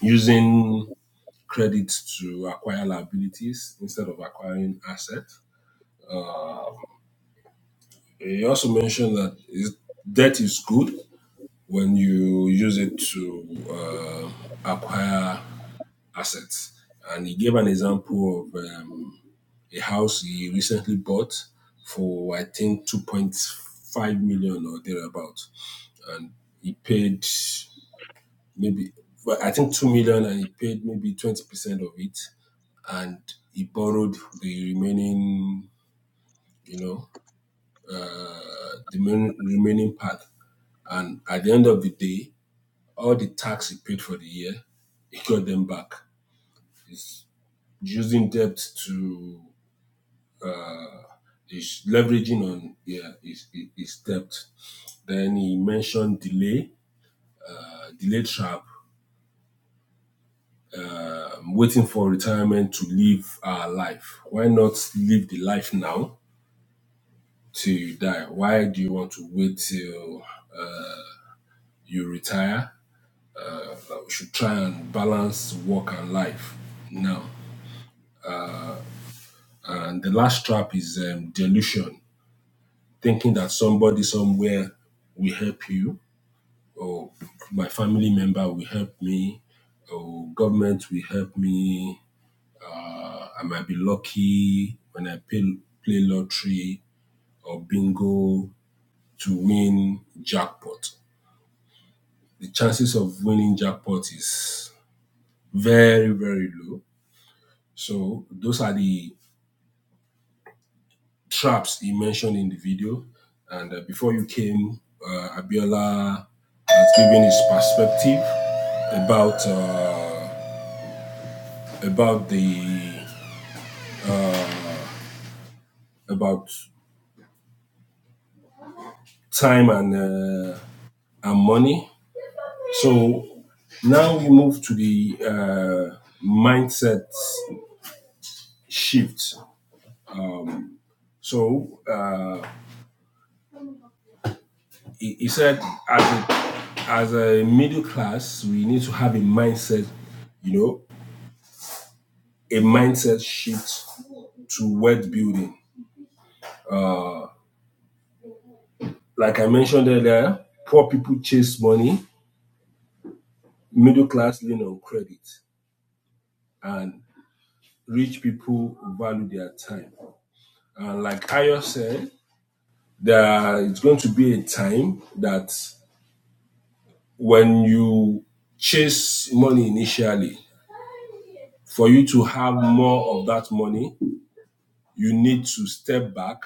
Speaker 1: using credit to acquire liabilities instead of acquiring assets. He also mentioned that debt is good when you use it to uh, acquire assets. And he gave an example of um, a house he recently bought for, I think, 2.5 million or thereabouts, And he paid maybe, well, I think, 2 million and he paid maybe 20% of it. And he borrowed the remaining, you know, uh, the remaining part. And at the end of the day, all the tax he paid for the year, he got them back. He's using debt to, he's leveraging on yeah, his, his debt. Then he mentioned delay, uh, delay trap. I'm waiting for retirement to live our life. Why not live the life now till you die? Why do you want to wait till you retire? Uh, we should try and balance work and life now. And the last trap is um, delusion thinking that somebody somewhere will help you, or my family member will help me, or government will help me. Uh, I might be lucky when I pay, play lottery or bingo to win jackpot. The chances of winning jackpot is very, very low. So those are the traps he mentioned in the video. And uh, before you came, uh, Abiola has given his perspective about uh, about the about time and uh, and money. So now we move to the uh, mindset shift. So uh, he, he said, as a, as a middle class, we need to have a mindset, you know, a mindset shift to wealth building. Like I mentioned earlier, poor people chase money, middle class lean on credit, and rich people value their time. And like Ayo said, there it's going to be a time that when you chase money initially, for you to have more of that money, you need to step back,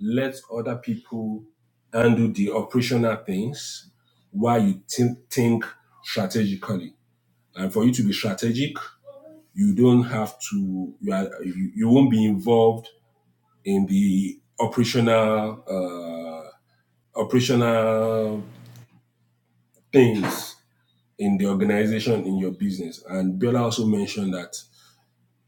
Speaker 1: let other people handle the operational things while you think, think strategically. And for you to be strategic, you don't have to, you, are, you, you won't be involved in the operational uh, operational things in the organization in your business. And Bella also mentioned that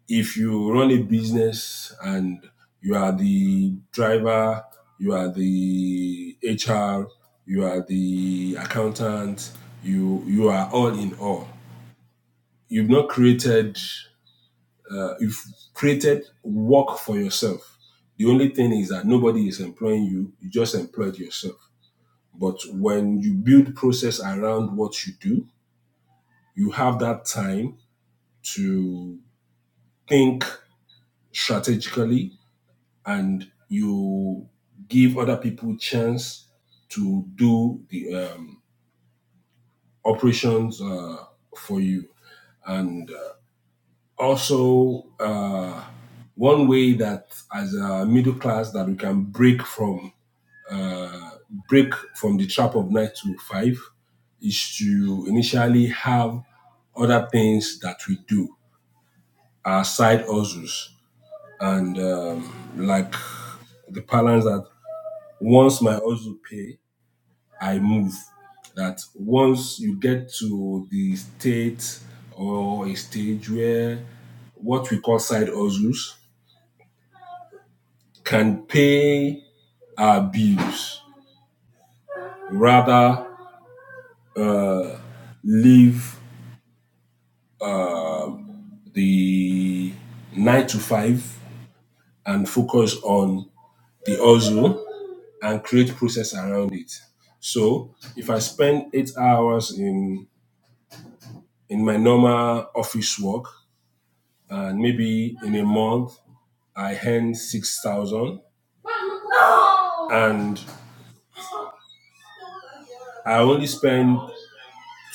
Speaker 1: if you run a business and you are the driver, you are the HR, you are the accountant, you you are all in all. You've not created uh, you've created work for yourself. The only thing is that nobody is employing you, you just employed yourself. But when you build process around what you do, you have that time to think strategically and you give other people chance to do the um, operations uh, for you. And uh, also, uh, one way that as a middle class that we can break from uh, break from the trap of nine to five is to initially have other things that we do, our side hustles, and um, like the balance that once my hustle pay, I move. That once you get to the state or a stage where what we call side hustles can pay our bills rather uh, leave the nine to five and focus on the hustle and create process around it. So if I spend eight hours in in my normal office work, and maybe in a month I earn six thousand, and I only spend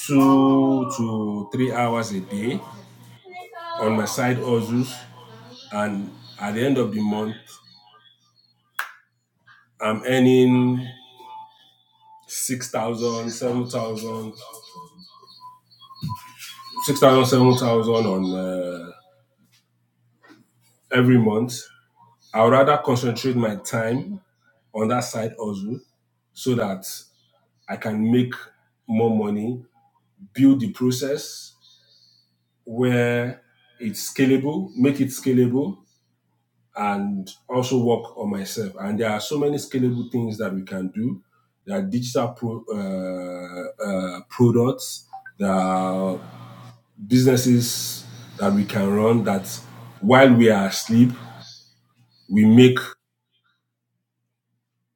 Speaker 1: two to three hours a day on my side hustles, and at the end of the month I'm earning six thousand, seven thousand, six thousand, seven thousand on uh, every month. I would rather concentrate my time on that side also so that I can make more money, build the process where it's scalable, make it scalable, and also work on myself. And there are so many scalable things that we can do. There are digital pro, uh, uh, products, there are businesses that we can run that while we are asleep, we make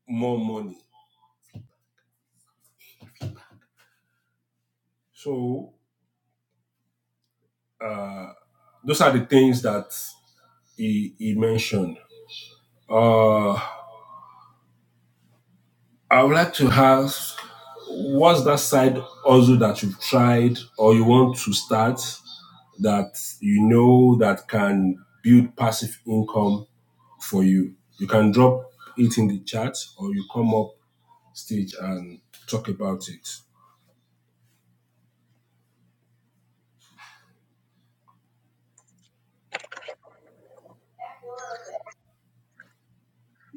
Speaker 1: more money. So uh, those are the things that he, he mentioned. Uh, I would like to ask, what's that side also that you've tried or you want to start that you know that can build passive income for you? You can drop it in the chat or you come up stage and talk about it.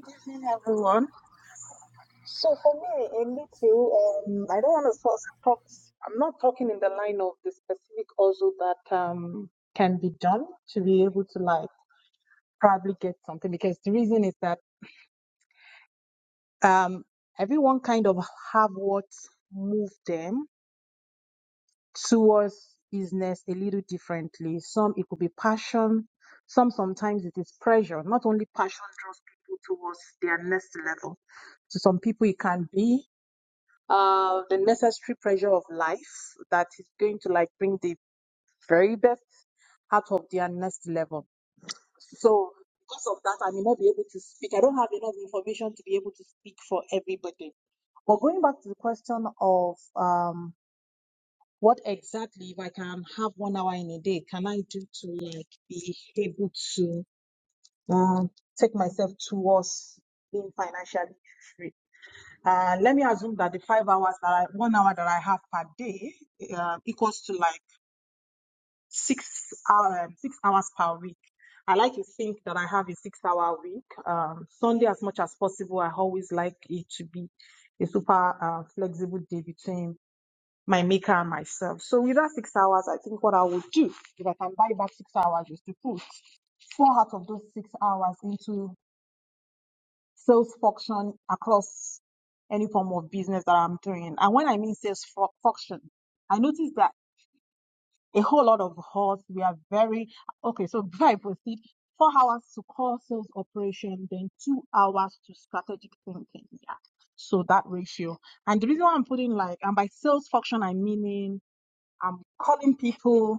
Speaker 3: Good evening, everyone. So for me, a little. Um, I don't want to talk. talk I'm not talking in the line of the specific also that um can be done to be able to like probably get something because the reason is that. um, everyone kind of have what moved them towards business a little differently. Some it could be passion. Some sometimes it is pressure. Not only passion draws people towards their next level. To some people it can be uh, the necessary pressure of life that is going to like bring the very best out of their next level. So because of that, I may not be able to speak. I don't have enough information to be able to speak for everybody But going back to the question of um, what exactly, if I can have one hour in a day, can I do to like be able to um, take myself towards being financially free? Uh, let me assume that the five hours that I, one hour that I have per day uh, equals to like six hour, um, six hours per week. I like to think that I have a six-hour week. Um, Sunday, as much as possible, I always like it to be a super uh, flexible day between my maker and myself. So with that six hours, I think what I would do, if I can buy back six hours, is to put four out of those six hours into sales function across any form of business that I'm doing. And when I mean sales fu- function, I noticed that a whole lot of us, we are very, okay, so before I proceed, four hours to core sales operation, then two hours to strategic thinking. Yeah. So that ratio. And the reason why I'm putting like, and by sales function, I mean I'm calling people,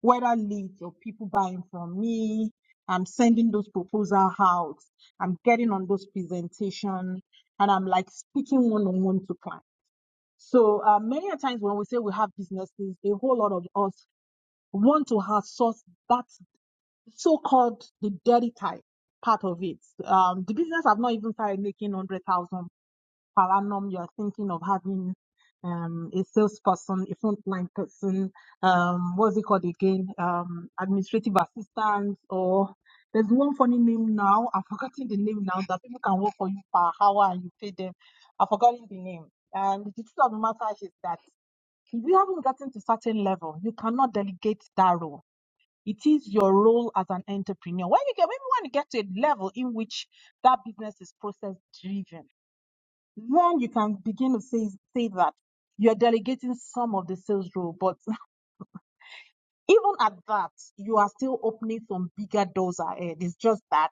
Speaker 3: whether leads or people buying from me. I'm sending those proposal out. I'm getting on those presentation, and I'm like speaking one on one to clients. So uh, many a times when we say we have businesses, a whole lot of us want to outsource that so-called the dirty type part of it. Um, the business have not even started making 100,000, per annum you're thinking of having um, a salesperson, a frontline person, um, what's it called again? Um, administrative assistant, or there's one funny name now. I've forgotten the name now that people can work for you per hour and you pay them. I've forgotten the name. And the truth of the matter is that if you haven't gotten to certain level, you cannot delegate that role. It is your role as an entrepreneur. When you get when you want to get to a level in which that business is process driven then you can begin to say, say that you're delegating some of the sales role. But even at that, you are still opening some bigger doors ahead. It's just that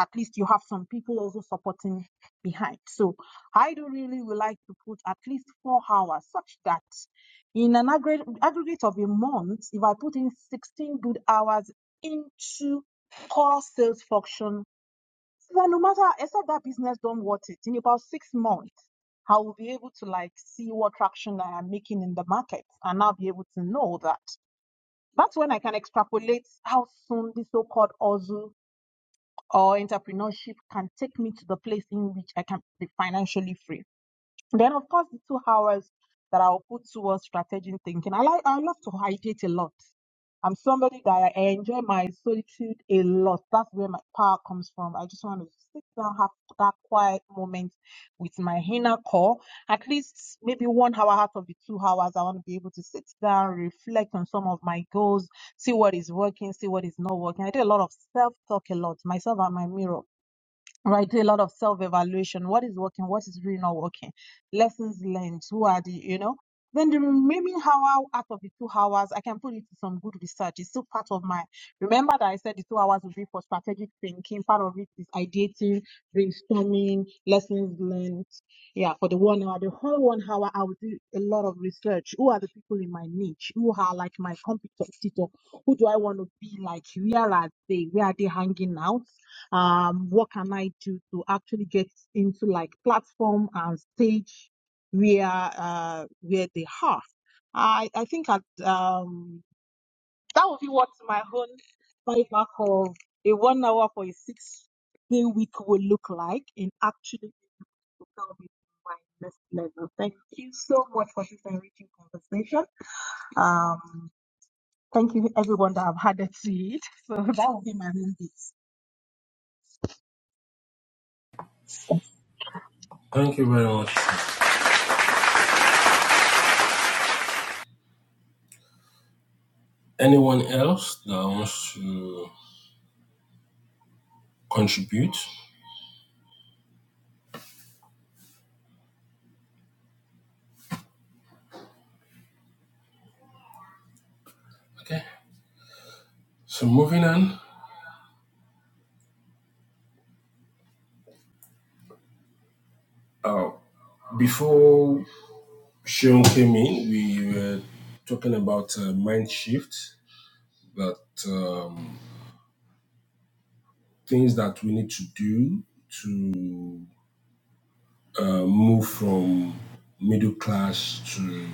Speaker 3: at least you have some people also supporting behind. So I do really would like to put at least four hours such that in an aggregate, aggregate of a month, if I put in 16 good hours into core sales function that no matter, except that business don't want it, in about six months, I will be able to like see what traction I am making in the market and I'll be able to know that. That's when I can extrapolate how soon this so-called hustle or entrepreneurship can take me to the place in which I can be financially free. Then, of course, the two hours that I'll put towards strategic thinking. I like, I love to ideate a lot. I'm somebody that I enjoy my solitude a lot. That's where my power comes from. I just want to sit down, have that quiet moment with my inner core. At least maybe one hour out of the two hours, I want to be able to sit down, reflect on some of my goals, see what is working, see what is not working. I do a lot of self talk a lot, myself and my mirror right? Do A lot of self evaluation. What is working? What is really not working? Lessons learned. Who are the, you know? Then the remaining hour out of the two hours, I can put it to some good research. It's still part of my. Remember that I said the two hours will be for strategic thinking. Part of it is ideating, brainstorming, lessons learned. Yeah, for the one hour, the whole one hour, I will do a lot of research. Who are the people in my niche? Who are like my competitor? Who do I want to be like? Where are they? Where are they hanging out? um, what can I do to actually get into like platform and stage where uh, where they have. I I think at um, that would be what my own buyback of a one hour for a six day week will look like in actually to tell me my next level. Thank you so much for this enriching conversation. Um, thank you everyone that I've had to it. So that will be my own piece.
Speaker 1: Thank you very much. Anyone else that wants to contribute? Okay. So moving on, uh, before Sean came in, we were talking about uh, mind shift, that um, things that we need to do to uh, move from middle class to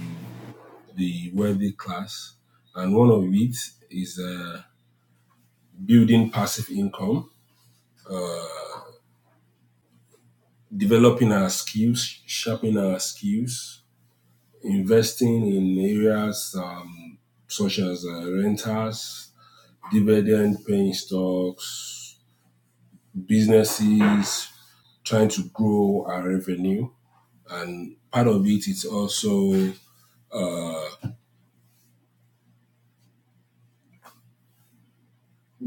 Speaker 1: the wealthy class. And one of it is uh, building passive income, developing our skills, sharpening our skills, investing in areas um, such as uh, renters, dividend paying stocks, businesses trying to grow our revenue and part of it is also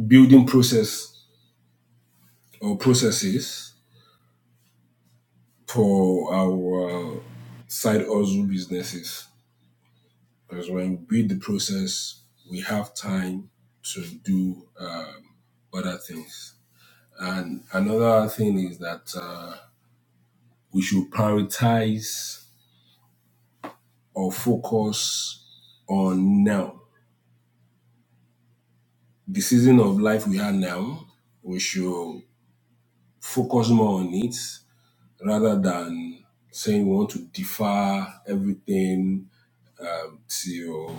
Speaker 1: building process or processes for our side hustle businesses because when we build the process we have time to do um, other things and another thing is that uh, we should prioritize or focus on now the season of life we are now, we should focus more on it rather than saying we want to defer everything till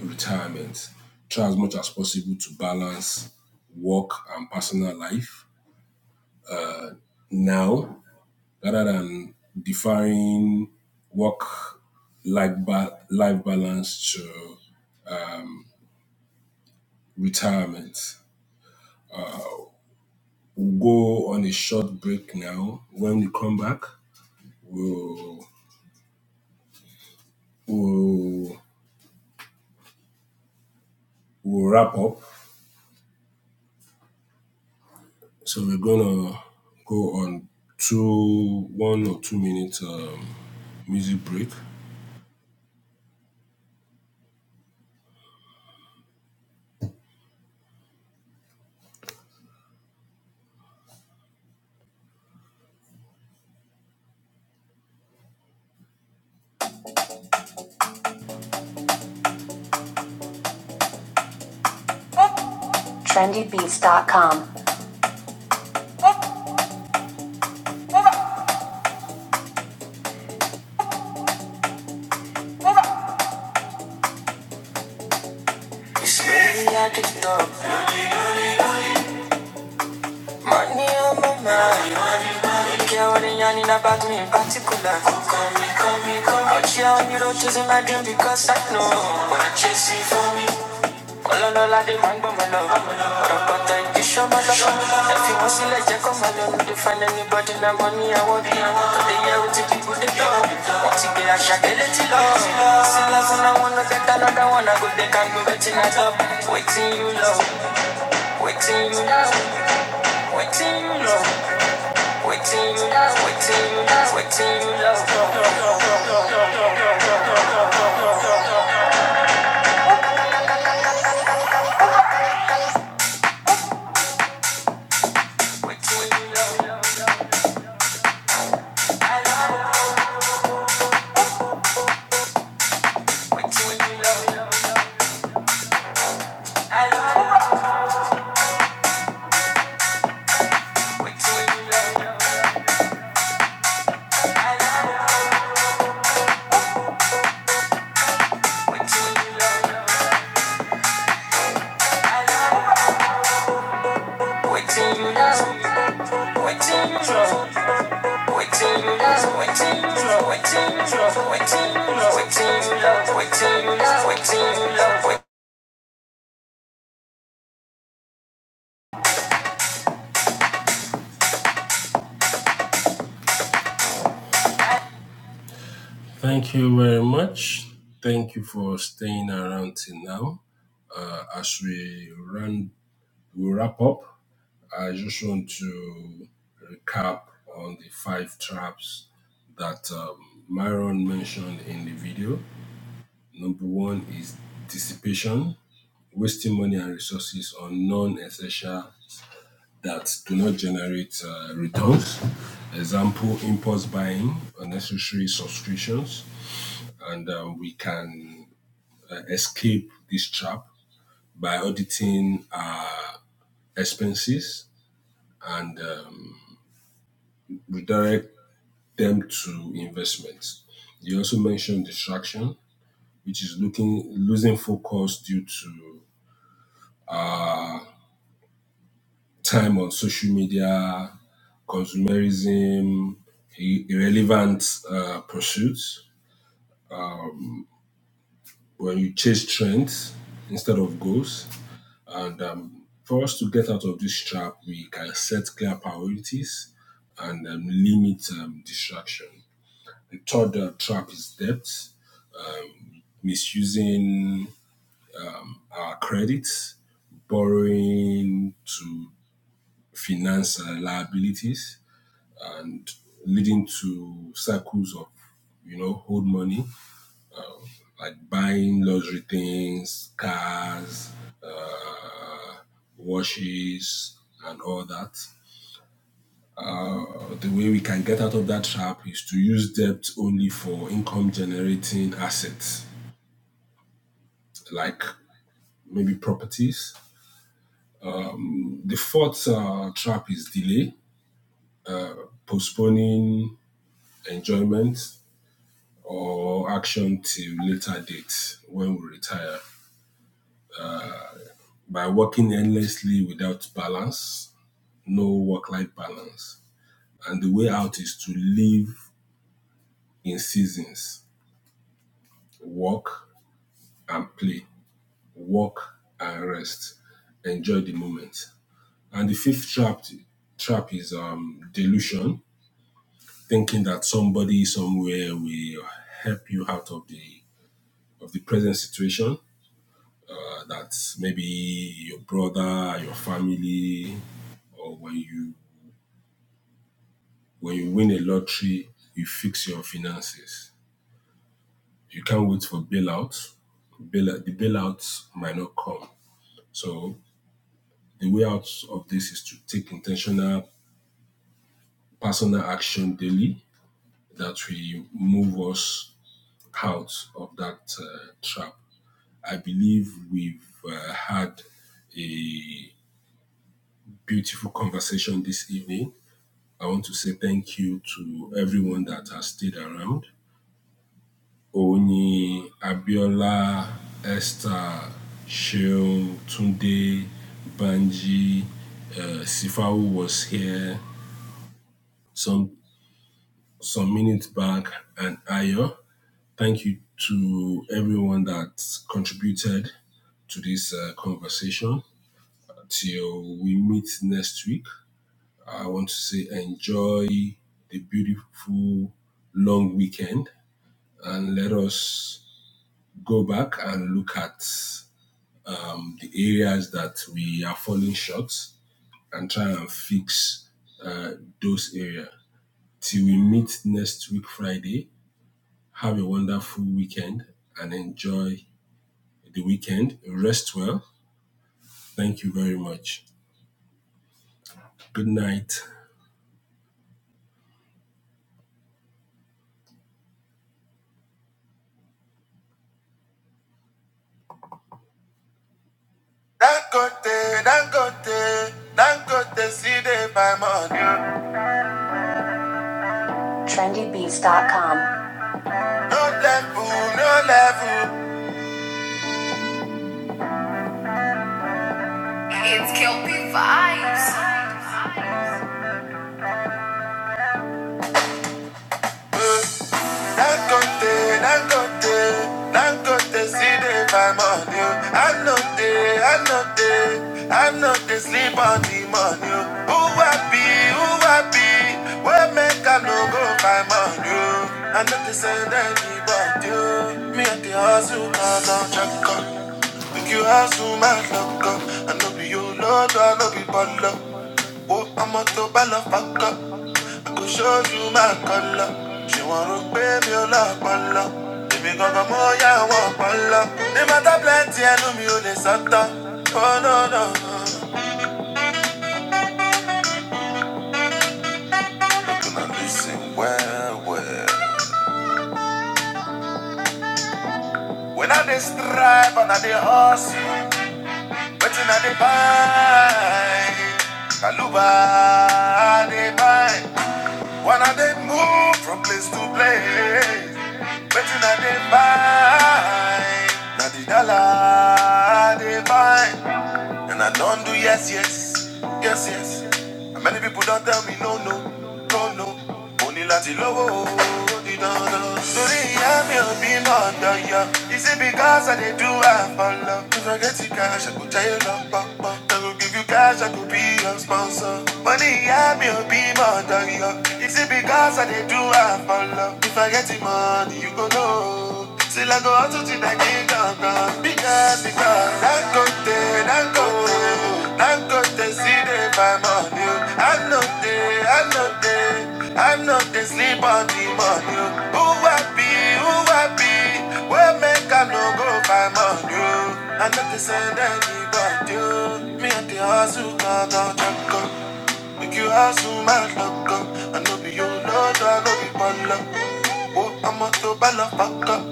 Speaker 1: retirement. Try as much as possible to balance work and personal life now rather than deferring work life, ba- life balance to retirement. We'll go on a short break now. When we come back, we'll we'll, we'll wrap up. So we're gonna go on two, one or two minute um, music break. Trendybeats.com. This lady I money on my mind. Care what they yarning about me in particular. Call me, call me, call me. Out here on the road chasing my dream because I know. Wanna chase for me. Ọlọ́run the man, but my love. mi lọ. Rọ̀pọ̀tà ìdí ṣọ́mọ lọ́kọ̀. Ẹ fi wọ́n sílẹ̀ jẹ́ kọ́ máa lọ lù dé fún ẹni bọ́dí náà mọ́ ní àwọn bí àwọn tó lè yẹ ojú bọ́. Wọ́n ti gbé àṣà délé tí lọ. Sílẹ̀ fún àwọn ló fẹ́ ká lọ́dọ̀ wọn náà gòdè ká gbé bẹ́tì náà lọ. Wetin you love, wetin you love, waiting you love, waiting you love, waiting you love, waiting you love, waiting you love. I love waiting you love, waiting you love, waiting you love. Thank you very much. Thank you for staying around till now. Uh, as we run, we wrap up. I just want to recap on the five traps that um, Myron mentioned in the video. Number one is dissipation, wasting money and resources on non-essential that do not generate uh, returns. Example, impulse buying, unnecessary subscriptions, and um, we can uh, escape this trap by auditing our expenses and um, redirect them to investments. You also mentioned distraction, which is looking losing focus due to time on social media, consumerism, irrelevant uh, pursuits. when you chase trends instead of goals. And um, for us to get out of this trap, we can set clear priorities and um, limit um, distraction. The third uh, trap is debt, misusing our credit, borrowing to finance uh, liabilities, and leading to cycles of you know, old money, like buying luxury things, cars, uh, washes, and all that. But the way we can get out of that trap is to use debt only for income generating assets, like maybe properties. The fourth uh, trap is delay, postponing enjoyment or action till later date when we retire by working endlessly without balance, no work life balance. And the way out is to live in seasons, work and play. walk and rest. Enjoy the moment. And the fifth trap trap is um, delusion, thinking that somebody somewhere will help you out of the of the present situation. Uh, that maybe your brother, your family, or when you when you win a lottery, you fix your finances. You can't wait for bailout. Bailout the bailouts might not come. So the way out of this is to take intentional personal action daily that will move us out of that uh, trap. I believe we've uh, had a beautiful conversation this evening. I want to say thank you to everyone that has stayed around. Oni Abiola, Esther, Sheol, Tunde, Banji, uh, Sifau was here some some minutes back, and Ayo. Thank you to everyone that contributed to this uh, conversation. Till we meet next week, I want to say enjoy the beautiful long weekend and let us go back and look at um, the areas that we are falling short and try and fix uh, those areas. Till we meet next week, Friday, have a wonderful weekend and enjoy the weekend. Rest well. Thank you very much. Good night. Dangote, Dangote, Dangote, see TrendyBeats.com. No level, no level. Dangote, Dangote, Dangote, see they buy on you. I know they, I know they, I know they sleep on the money. oh. Who happy, who happy, where make I no go buy on you. I know they send anybody, oh. me at the house, I don't check up. Make you hustle, my luck up. I know be your lord, I know be baller. Oh, I'm a to ball of fuck up kò ṣojú máa kàn lọ ṣé wọn rò pé mi ò lọ́pọ̀ lọ èmi gangan mọ́ yá wọn pọ̀ lọ ní mọ́tà plenty ẹnu mi ò lè sọ́tọ̀ oh no no no. you gonna well well. when i dey strive and i dey hustle wetin i dey find kàlùbà i dey find. When I they move from place to place, waiting I they find, Not the dollar they find. And I don't do yes, yes, yes, yes. And many people don't tell me no, no, no, no. Only lati lowo, di dandan. Sorry, I'm your being under ya. Is it because I did do have for love? If I get the cash, I could tell you love, bum, bum. I could give you cash, I could be your sponsor. Money, I'm your being under ya. Is it because I did do have for love? If I get the money, you go know. Still I go out to the kingdom come. Because the God, that go there, i go there, that go there, see the my money. I know there, I know there, I know they sleep on the money. Who happy, who happy, where make I no go buy money? I know they send anybody. Me and the house hustle, God, God, God. Make you hustle my luck up. I know be you know, I know be one luck. Oh, I'ma throw ball fuck up.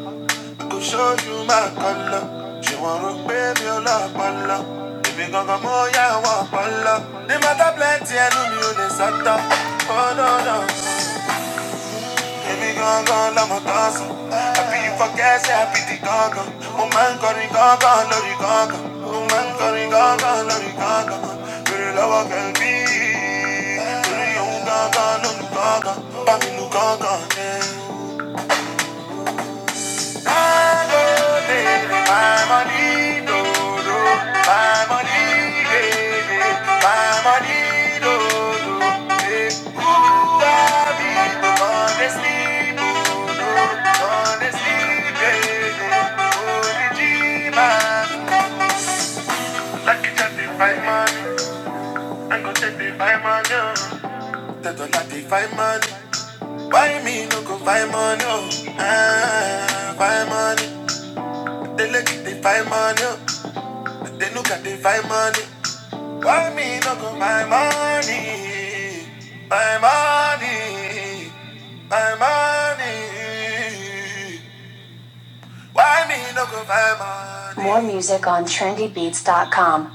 Speaker 1: I could show you my color. She want to pay me a lot of love. If you gon' come on, yeah, I want my love. They matter plenty, I know me on the Santa. Oh, no, no. If you gon' go, I'm a dancer. Happy you forget, say happy the gaga. Oh, man, curry gaga, lorry gaga. Oh, man, curry gaga, lorry gaga. Very love, I can be. Very young gaga, no no gaga. Bami, no gaga, yeah. Find money, why me no go find money? Oh, ah, find money. They look, they find money. Oh. They look at the find money. Why me no go my money? My money. My money. Why me no go my money? More music on trendybeats.com.